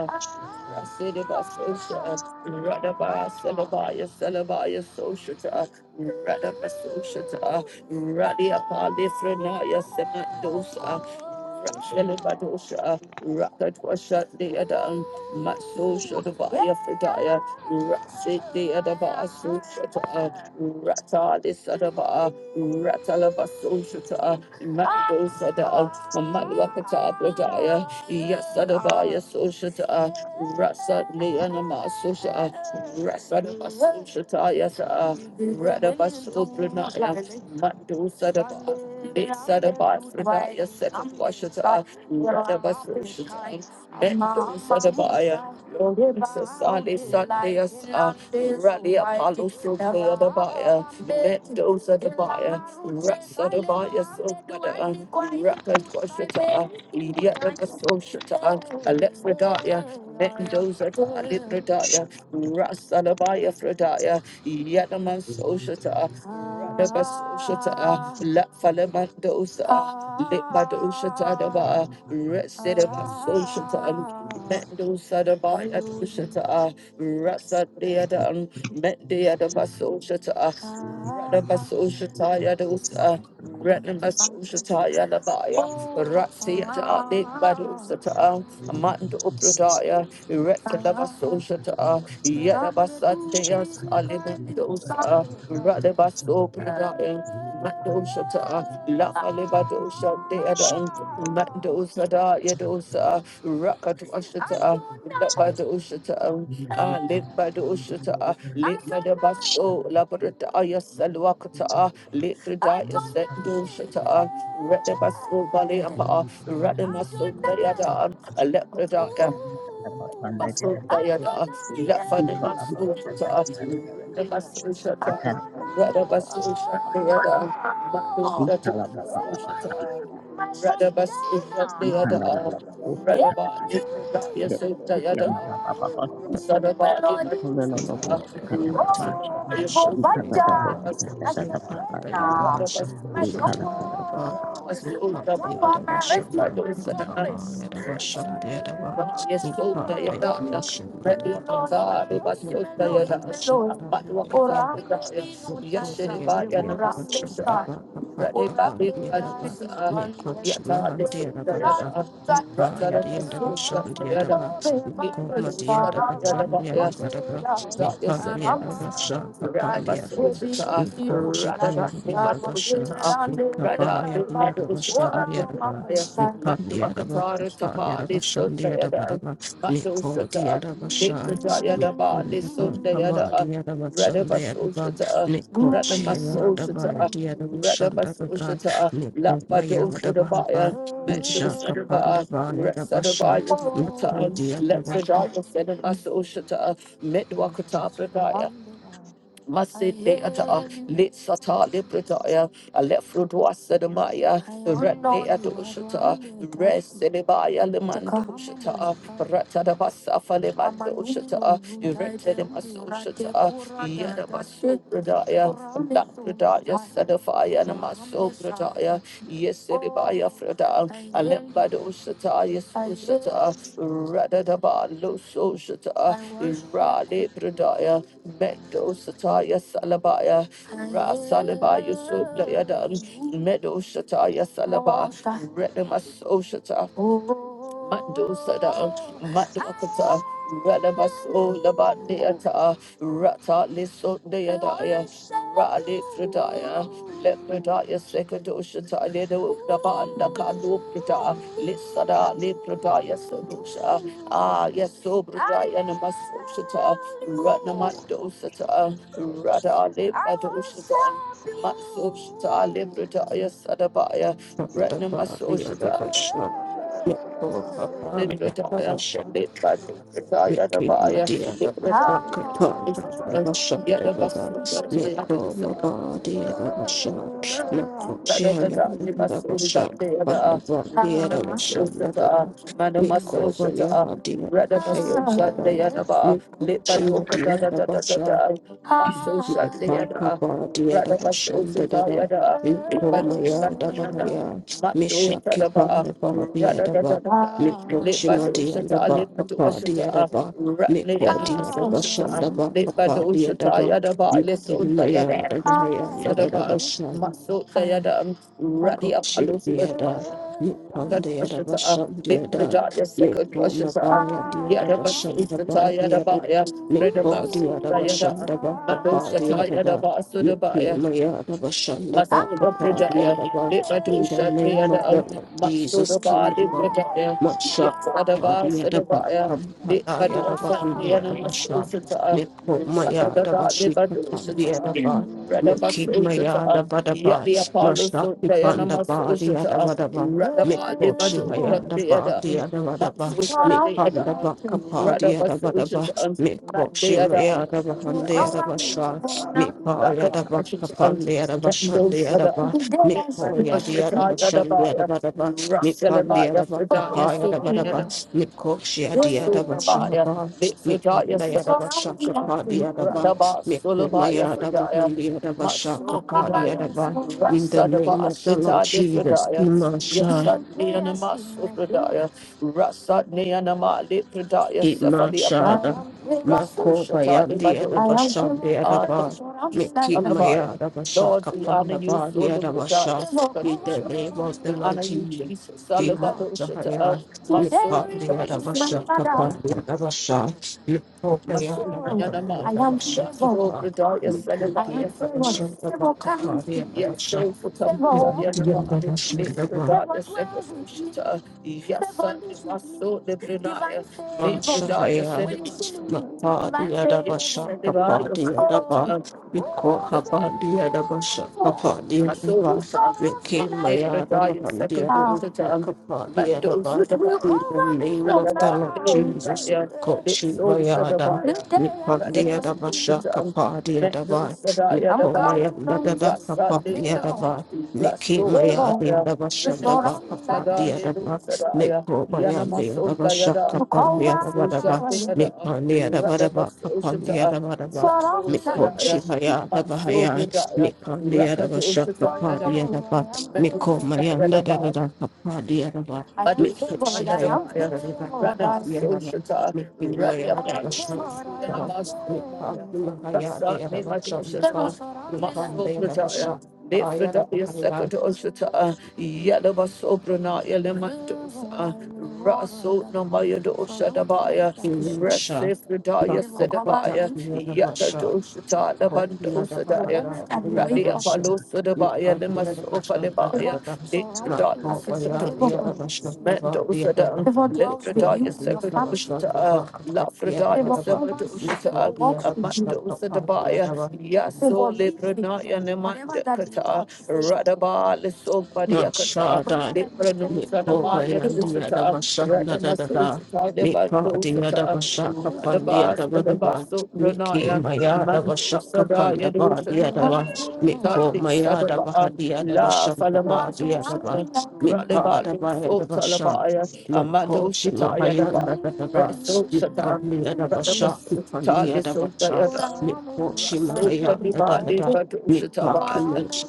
Rasidiba Sosha, Radaba Salabaya Salabaya Soshata, Radaba Soshata, Radia Palifrenaya Semandosa, Thank Rakshalibadosha, Rakatwashat Deadan, Matsosha Devaya Fridaya, Rasit Deadaba Soshata, Ratali Sadaba, Ratalaba Soshata, Mandosa Dal, Malwakata Bradaya, Yasadavaya Soshata, Rasa Lianama Susha, Rasa Shataya, Radaba Supranaya, Mandu Sadaba, Bit Sadaba, Pradaya, Sekapwashata, Radaba Sushata, Bendu Sadabaya. Sali Sunday Sa Rally Apollo Sophia the Baya Mendoza the Baya Rasa the Baya Sopada Raka Dwashita Yadama Soshita Alexadaya Mendoza Alibradaya Rasa the Baya Fradaya Yadama Rebasoshata, La Falamandosa, Libadoshata Daba, Residavasoshata, Mendosa Daba, Yadoshata, Rasa Deadam, Mendia Daba Soshata, Radabasoshata Yadosa. Renamasushataya Labaya, you. Ratsiata, Lake In the Badusata, name of Amanda Jesus. Upradaya, Retalavasoshata, Pampatanga, Yelabasandeas, Shataya Tuna Alimandosa, Pakatanga, Radabaso Pakatanga, Pradaya. Ripani Madoshata, Tuna La Pakatanga, Alibadosha, Shataya Deadan, Tuna Mandosa da Pakatanga, Yadosa, Rakat Apani Tuna Ushata, Labad Pakatanga, Ushata, Ripa Lit by the Tuna Ushata, Lit Pakatanga, by the Basso, Shataya Labrata Tuna Yasalwakata, Pakatanga, Lit Frida Ripani Yasendoshata, Tuna Pakatanga, Retabaso Thank Baleapa, Ratamaso Baleada, Alepreda. Basundayada, Lafani Matsuta, Namasushata, matano Radabasushata, ikhala baba baba Makusata, haya Radabasushata, ikhanda lala bosi katata Radabasushata, de bosi ya Yasundayada, mama baba bosi my provider, my ikhala lala sustainer, my bosi katata baba Mahati Bashan stronghold, ikhatata Yadaba, bosi katata Lupa baba Yadabasha, Madi ikhala baba Yadaba, Lupa my Yadabashan refuge, Yadaba, my fortress. Yadabashan Yadaba, Yes, Lord, Lupa I adore Yadabashan Ready to Yadaba, God, it was Lupa so tired. Yadabashan you. But what Yadaba, about Mikko, the other was the Yes, anybody, and the shot, muscles. Mikko, the other Ready, was Babi, Badusa, shot, Yata, the Sundayada, Rata, the Susha, the Yada, Badusa, the Yada, yes, Daya, Sundayasa, Rata, the Susha, Rata, the Badusa, Rata, the Badusa, yes, Matu Akatara, Sapa, the Sundayada, Matu Sata, the Daya, the Ba, the Sundayada, Rata, the the other Susha, Niko Shayada Baya Radabasoshata, Diada Shanda Bada Radabasoshata, Niko Mayada Bahaba Lapadoshatabaya, Nishaka Panda Medosadaba, Baya Dabasha Resadabaya, Niko the Diada Basha Lepradaya, Sedabasoshata, Medwakata, Pradaya. Masidata, Litsata, Librata, Alefrudwa Sedamaya, Rende Adoshata, Res Sedibaya Lemandoshata, Ratadabasa Falemandoshata, Retedemasoshata, Yadabasu Pradaya, Lapradaya Sadafaya Namaso Pradaya, Yesedibaya Frada, Alembadoshata, Yesushata, Radadaba Lososhata, Rale Pradaya, Thank Mendosataya Salabaya, Rasalaba Yusuf Dayadan, Medo Shataya Salaba, Renema Soshata, Mando Sada, Maduakata, Radabaso, Labandeata, Rata Liso Deadaya, Radi Fridaya, Lepredaya Sekadoshata, Lido Dabanda Kadu Prita, Lisada, Lepredaya Sedusha, Ah, yes, so Bridaya Namasoshata, Ratnamando Sata, Rada Lepadoshata. Matsoshita, Libretaya Sadabaya, Panda Baya Retnamasoshita, Dabasha Niko Rather, Papa Mickey Madia Daba Shaka Pan Daba Shaka Daba Mikro Mabadi Daba Shaka Nako Shihala Daba Shaka Pan Daba Dia Daba Shaka Daba Mikro Baya Adia Daba Haya Daba Mikro Shimadia Mipaka baadhi dava Sadaba, bashanda dada mikoma ya dabahaya misha kipande baadhi ya daba miko shimadi ya daba dia dava. daba miko dia dava shanda dava ba kapadi ya daba mikima ya dabahaya dada dava Masota Yadam, Radi Oh Apollo shit, yeah, da. Sibaya, You on the other Kadwashata, version, the other. Bipradaya Live for my Sakadwashata, boy, the other version, the Yadabasusata bar, the other. Yadabaya, Live for the other Redabasudayada, version, the back apart, Madoshata the other bar. You be Yadabasudabaya, my other version, the back Masuda apart, the Pradaya, other bar. Lipato In the name Shadriada, of the Lord Jesus, Matsuda King Bali of God. Pradaya, Much shot. Yatadaba The other bar. Sedabaya, Come, I had a Lipadu hand, the Shadriana other version. Masusita, Make home my other Radadaba version, Lipadu Shita, the other bar. Make him my other Radabasusita, bar, Yadi Apollo Mashaki Sundayana panda body Masusita, adabadaba. Radaba Mikoshi Lipadu hayanda Shadriada. body adabadaba. Mikanda baka Rather, body but solution adabadaba. to us, not the Mikoshi mayadaba handi adabasha. other. Mipaya dabaka pandi adabashandi adaba. Mipoya di adabashandi adabadaba. Mipandi adabaka paya Rakalabaya, adabadaba. Mikoshi adi Surabaya, adabashihaba. Bitsudaya Mipanda adabashaka Sakasuja, padi adaba. Radaba Sulabaya Mikomaya Fridaya, adabahandi adabashaka padi Masukudaya, adaba. In the Rasadaba name of the Lord Shita Jesus, Difridaya, Kimasha, Yasadnianama Supradaya, Rasadnianama Lipradaya Sefalia Kimashada, Rasu Mako Shata Bayandi Adabashan, the Adaba, Miki Divadu, Maya Lord, Adabashaka we honor you Pandaba, the through the darkness. Adabasha, of the in the ocean. name of the We Lord honor you, Jesus, Jesus. Salvadosha to Kimashaya, us. Nipan, the Today is my Adabashaka Pan, father. the Adabasha, Miko Maya Maso- Adabahan, the I am favored. Adabashaka Oh, Pan, Gridaya Miki, Salabaya. I am the favored. Adabashaka Favor Bakapa, comes. the Yes, Adabasha, so for Miko, the Tapayanama. Adabashaka Pan. Gridaya Salabaya. Yes, son. Maso de Gridaya. Big Gridaya Mashaya. Salabaya. Yes, Makadiadabashakapadiadaba, Salabaya. Salabaya. Mikohabadiadabashakapadiadaba, Masusa, Mate Radaya, second Satan, Mando Vikimayadabadiadabashakapadiadaba. Sadaba, In the name of Radaba, the Lord Jesus, Radaya, Litso Kochimayada, Sadabaya, Radabas Satan, Mando Mikadiadabashakapadiadaba, Sadaya, Dabaya, Rasa Dita, Mikomayadadabakapadiadaba, Raso Sadaya, Sadaya, Mikimayadiadabashandabakapadiadaba, Sadaya, Yanamaso Dayada, Susha Mikomayadiadabashakapadiadabadaba. Dayada, Mik pandi ada bada ba Radabas kapandi ada Sadaya, bada Maso ba mik ko da ya shivaya ada da so sa de ya da rada ba so sa ta maso bahaya da ya mik pandi ada ba Rakatu shaka Shataya pandi ada ba Oh, I Daba, am mik Metu ko favored. maya Shataya ada da da Daba, da kapandi ada ba I am mik Badu ko favored. shivaya Shataya I am Daba, ada favored. da da I da kapandi ada ba mik ki maya ada ba shaka da mik pa mahaya ada ada ba shaka ba mik like pandi ada ba shaka ada bahaya Yadabasobrana Elementosa, Raso Namayadosa Dabaya, insha Rasifredaya Bakopada Sedabaya, Via Vasha, Yakadosa hope you had a Labandosa Daya, bahada, the other Radi version. Apalosa You Dabaya, can't the other Limasofa version, da da da Lebaya, da. Not Likredaya hope by the other Sedabaya. version, the bar, the Mendoza other down, one. You can't Lefredaya the other version, the Sepadoshita, bar, the Lafredaya other one. We call Sepadoshita, the other version, the bar, the Amandosa other one. Yaso Librana Yanemanda Kata, Radaba, Lesomba Not Yakata, sure, Librano Make over Sanaba and the other Yakusata, bashan da da da da. Radamasosata, Make party other Debadosata, bashak upon the Radabas, other one. Debaso Make him Branayan, my other bashak upon Mandosada the bar the other one. Make Yadosata, Tati home my other bahad Sadala, the other La bashan the Salama bar the other one. Make Radaba, part of my other bashan. Sotalabaya, Not Amado coaching my Shataya Daba, da da da da. Reso Make Shata, part the other bashak upon the Radabasota, other bashan. Lisota Make coaching my da da da da. Make parking motion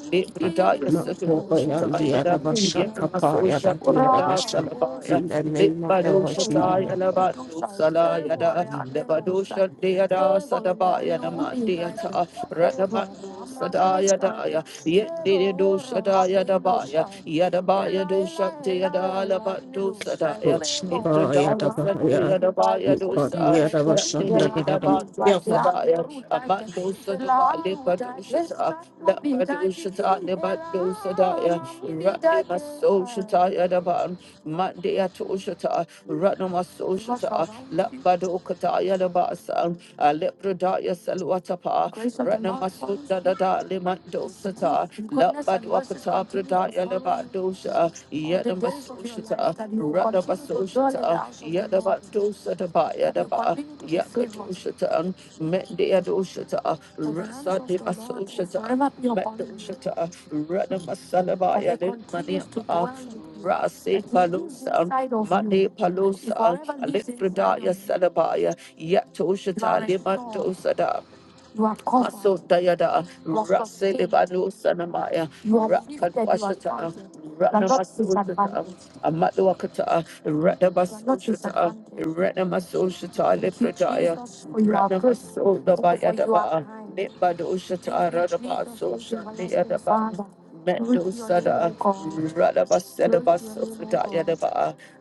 not and the other was shut up and the other you. was shut. The In the name of the Vashina, Yet did do Sadaya Dabaya, Yadabaya do Shakti Yadala Batu Sadaya, Koshabaya Nitradala Sadri Dabahaya, Yadabaya do Nippon, Sa, the other was shut, Yadida Dabatu the Sadaya, Amando Sadaya, Libatu Shata, Labadu Shata, Libatu Sadaya, Ratima So Shataya Daban, Mandia to Shata, Ratnama So Shata, Labadu Kataya Dabasa. Aleprodaya Saluatapa, Ranamasuda Dada Limando Sata, Labaduakata Prodaya Lebadosha, Yadamasosha, Radabasosha, Yadabadosa Daba Yadaba, Yakatoshata, Mendeadoshata, Rasa de Basoshata, Mendoshata, Ranamasalabaya Limaniapa. Rasi Palusa, Mani Palusa, Alepradaya Yatoshata Lord, Limanto Sada you are covered, Maso Dayada you are sustained, Rasilibanu Sanamaya you are lifted, you are Amatwakata you are not Radabasutata Dabayadaba kind. Nibadoshata Thank you, Jesus. Thank you, Radabasosha everlasting Niadaba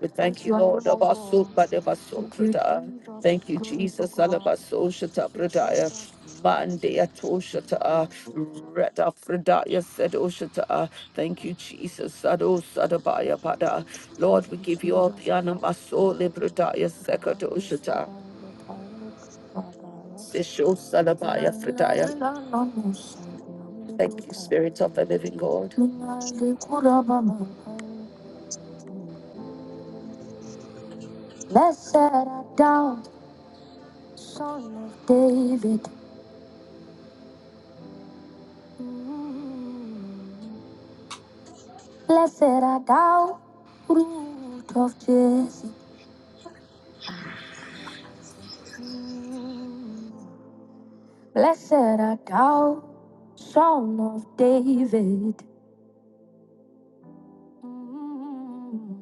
we thank you, Lord. Abaso Badabaso Prada. Thank you, Jesus. Alabaso Shata Pradaya. Mandea Toshata. Reta Fredaya said Oshata. Thank you, Jesus. Sado Sadabaya Pada. Lord, we give you all the honor. Maso Libradaya Sekadoshata. Sisho Salabaya Fredaya. Thank you, Spirit of the Living God. Blessed art thou, son of David. Mm. Blessed art thou, root of Jesse. Mm. Blessed art thou, son of David. Mm.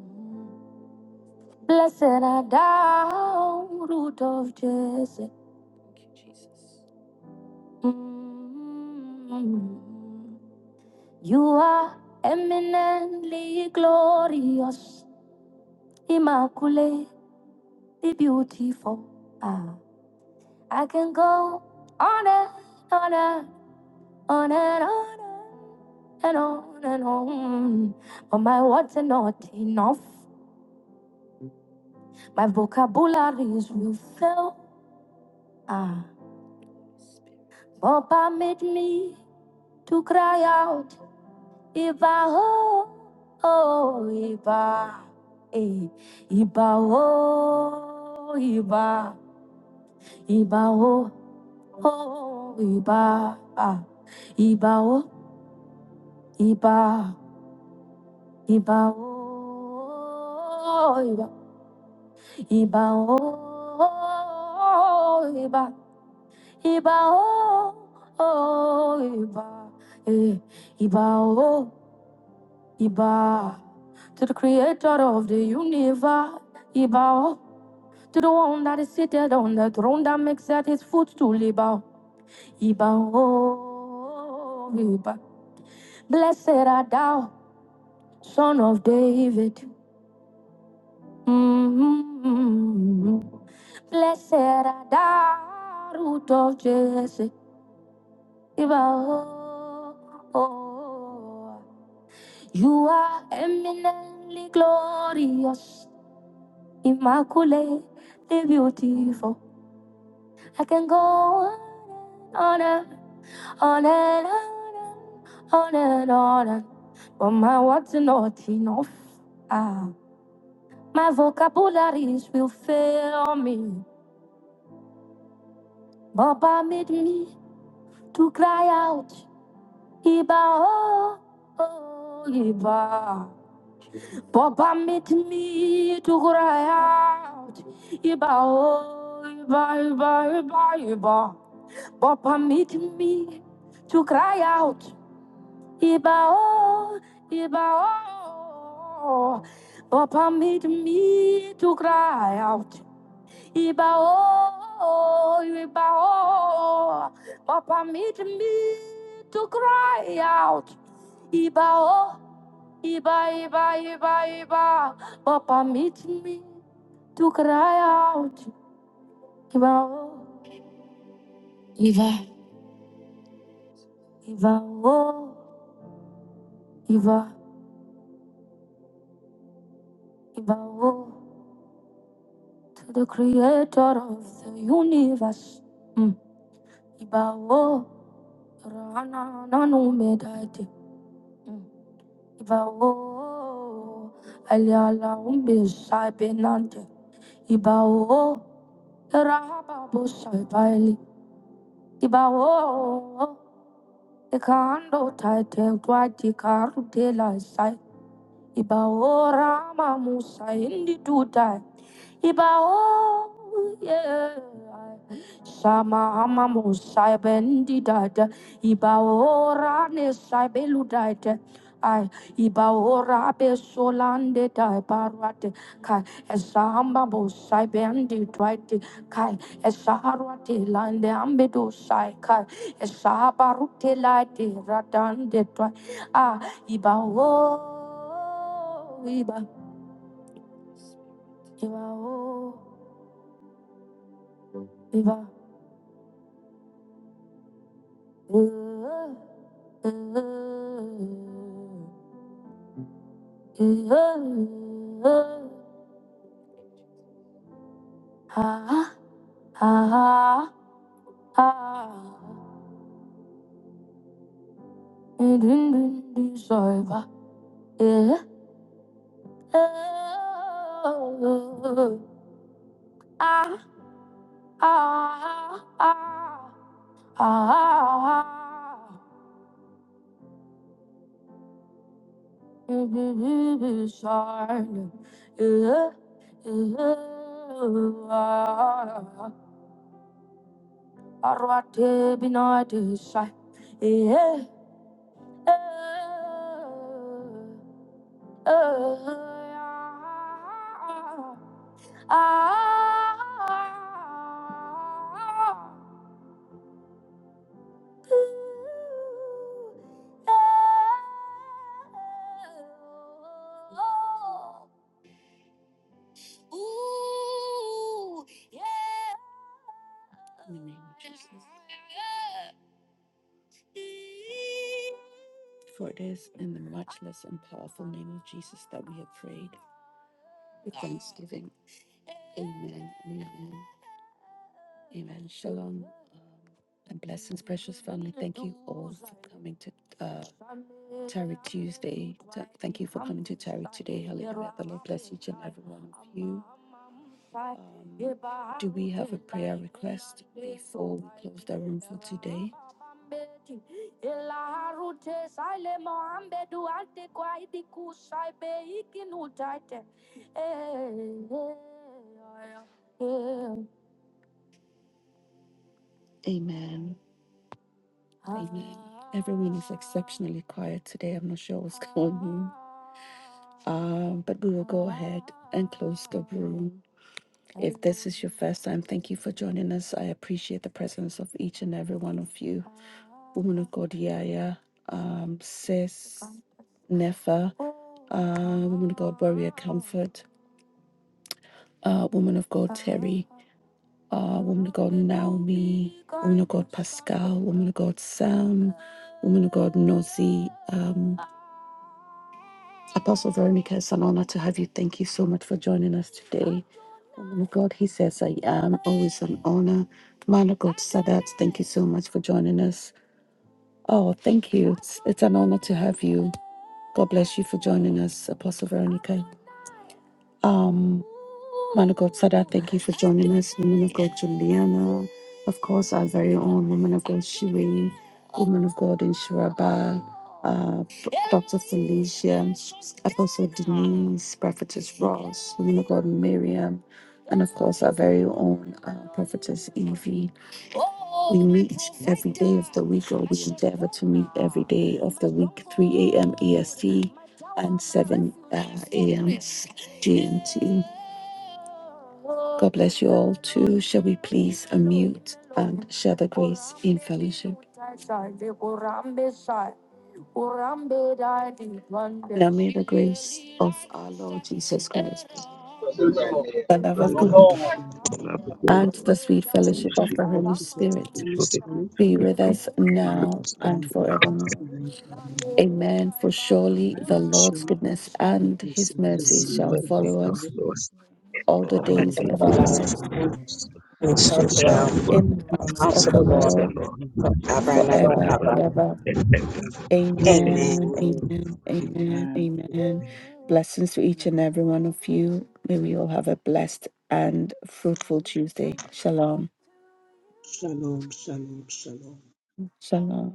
Blessed art thou, root of Jesse. Thank you, Jesus. Mm. You are eminently glorious, immaculately beautiful. Ah, I can go on and on and on and on and on and on, but my words are not enough. My vocabularies will fail. Ah, Papa made me to cry out. Iba oh, oh, iba, eh, iba oh, iba, iba oh, oh, iba, ah, iba oh, iba, iba oh, iba, iba oh, iba, iba oh, oh, iba, eh, iba oh. Iba to the creator of the universe. Iba to the one that is seated on the throne that makes at his footstool. Iba, Iba, oh, Iba. Blessed art thou, son of David. Mm-hmm. Blessed art thou, root of Jesse. Iba, oh, oh. You are eminently glorious. Immaculate, they're beautiful. I can go on and on and on and on and on. and- on, But my words are not enough. Ah, my vocabularies will fail me. Baba made me to cry out. Iba, oh, oh, Iba. Baba made me to cry out. Iba, oh, Iba, Iba, Iba, Iba. God permitting me to cry out, Ibao, Ibao. God permit me to cry out, Ibao, Ibao. God permit me to cry out, Ibao, Iba, Iba, Iba, Iba. God permit me to cry out, Ibao, Iba, Ibao, Iba. Bow to the creator of the universe. Mm. Bow, Rana Nanu Medati. Mm. Bow, Aliala Umbi Saibinante. Bow, Rahababu Saibali. Bow, the Kando Tite, Twati Karutela Sai. Ibao Rama Musa indi dudai. Ibao yeah. Sama ama Musa bendi dada. Ibao rane sai belu dada. Ai ibao rabe solande dai barwate. Kai esamba Musa bendi dwaite. Kai esarwate lande ambedo sai. Kai esabarute laite radande dwai. Iba oh, iba, iba oh, iba. Oh, oh, oh, Ah, ah, ah, ah. Dun, dun, dun, dun, so iba. Yeah. Oh, ah, ah, ah, ah, ah. ah, ah. Arwate binadı say. eh, eh, eh, ah, ooh, eh, oh, ooh, yeah. In the name of Jesus. For it is in the matchless and powerful name of Jesus that we have prayed with thanksgiving. Amen. and Amen. Amen. Shalom. um, And blessings, precious family. Thank you all for coming to uh, Tarot Tuesday. Ta- Thank you for coming to Tarot today. Hallelujah. The Lord bless each and every one of you. Um, do we have a prayer request before we close the room for today? Amen. Amen. Everyone is exceptionally quiet today. I'm not sure what's going on. Um, but we will go ahead and close the room. If this is your first time, thank you for joining us. I appreciate the presence of each and every one of you. Woman of God, Yaya, um, Sis, Nefa, uh, Woman of God, Warrior Comfort, uh, Woman of God, Terry, uh, Woman of God, Naomi, Woman of God, Pascal, Woman of God, Sam, Woman of God, Nosy, Apostle Veronica, it's an honor to have you. Thank you so much for joining us today. Woman of God, he says, I am always an honor. Man of God, Sadat, thank you so much for joining us. Oh, thank you. It's, it's an honor to have you. God bless you for joining us, Apostle Veronica. Um, Mother God Sada, thank you for joining us, woman of God Juliana, of course, our very own woman of God Shiwi, woman of God in Shiraba, uh, Dr. Felicia, Apostle Denise, Prophetess Ross, woman of God Miriam, and of course, our very own uh, Prophetess Evie. We meet every day of the week, or we endeavor to meet every day of the week, 3 a.m. EST and 7 uh, a.m. GMT. God bless you all too. Shall we please unmute and share the grace in fellowship? Now may the grace of our Lord Jesus Christ, the love of Right. love God, of other God, the Labrador, and the sweet fellowship of the the Holy worship of the He Spirit Holy before the Spirit, be script with us be with now us let and now and forevermore. forevermore. Amen. Amen. For surely Amen. Amen. the Lord's Surely, goodness the and goodness his and His mercy mercy goodness shall and shall his me follow have mercy us follow shall Lord us follow us all the all all all the the days the things of our days. days lives of our lives, and and we shall shall we shall shall dwell dwell dwell Most do in in of the in the the world of house the house of of the the us, for Lord house of the Lord the Lord Lord forever and ever, forever forever and ever. or forever. a ever. brand and and ever. new ever. Amen. Amen. Amen, Amen. amen, Amen. amen, Amen. amen. Amen. Blessings to each and Amen. every one of you. May we all have a blessed and fruitful Tuesday. Shalom, Shalom, shalom, shalom. shalom.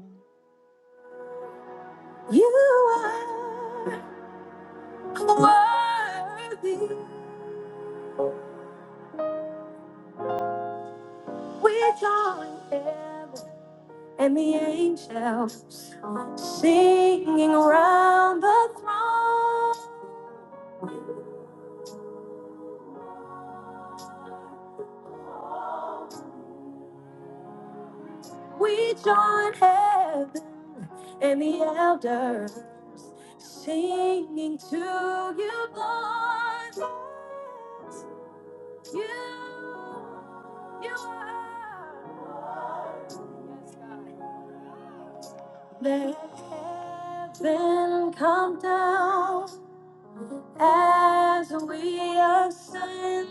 We join heaven and the elders singing to you, Lord. You, you are. Yes, God. Let heaven come down as we ascend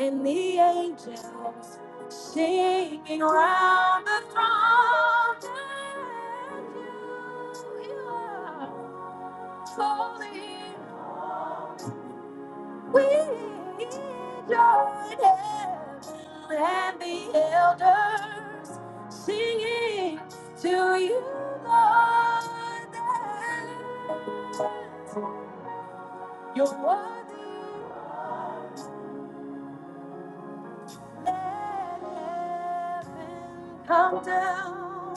and mountains are holy. We join hands and the elders singing to you, Lord, that worthy let heaven come down.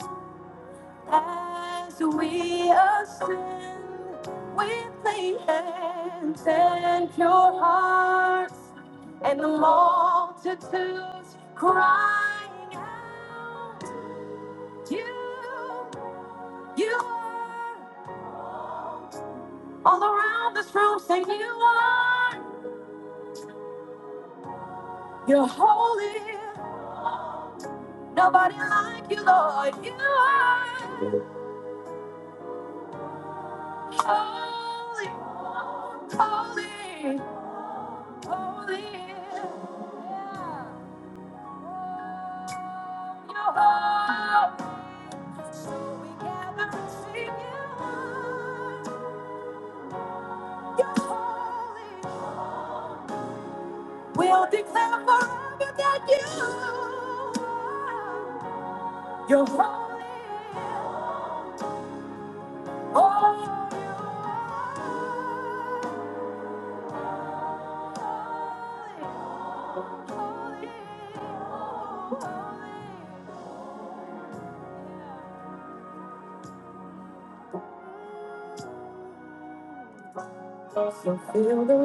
So fill the.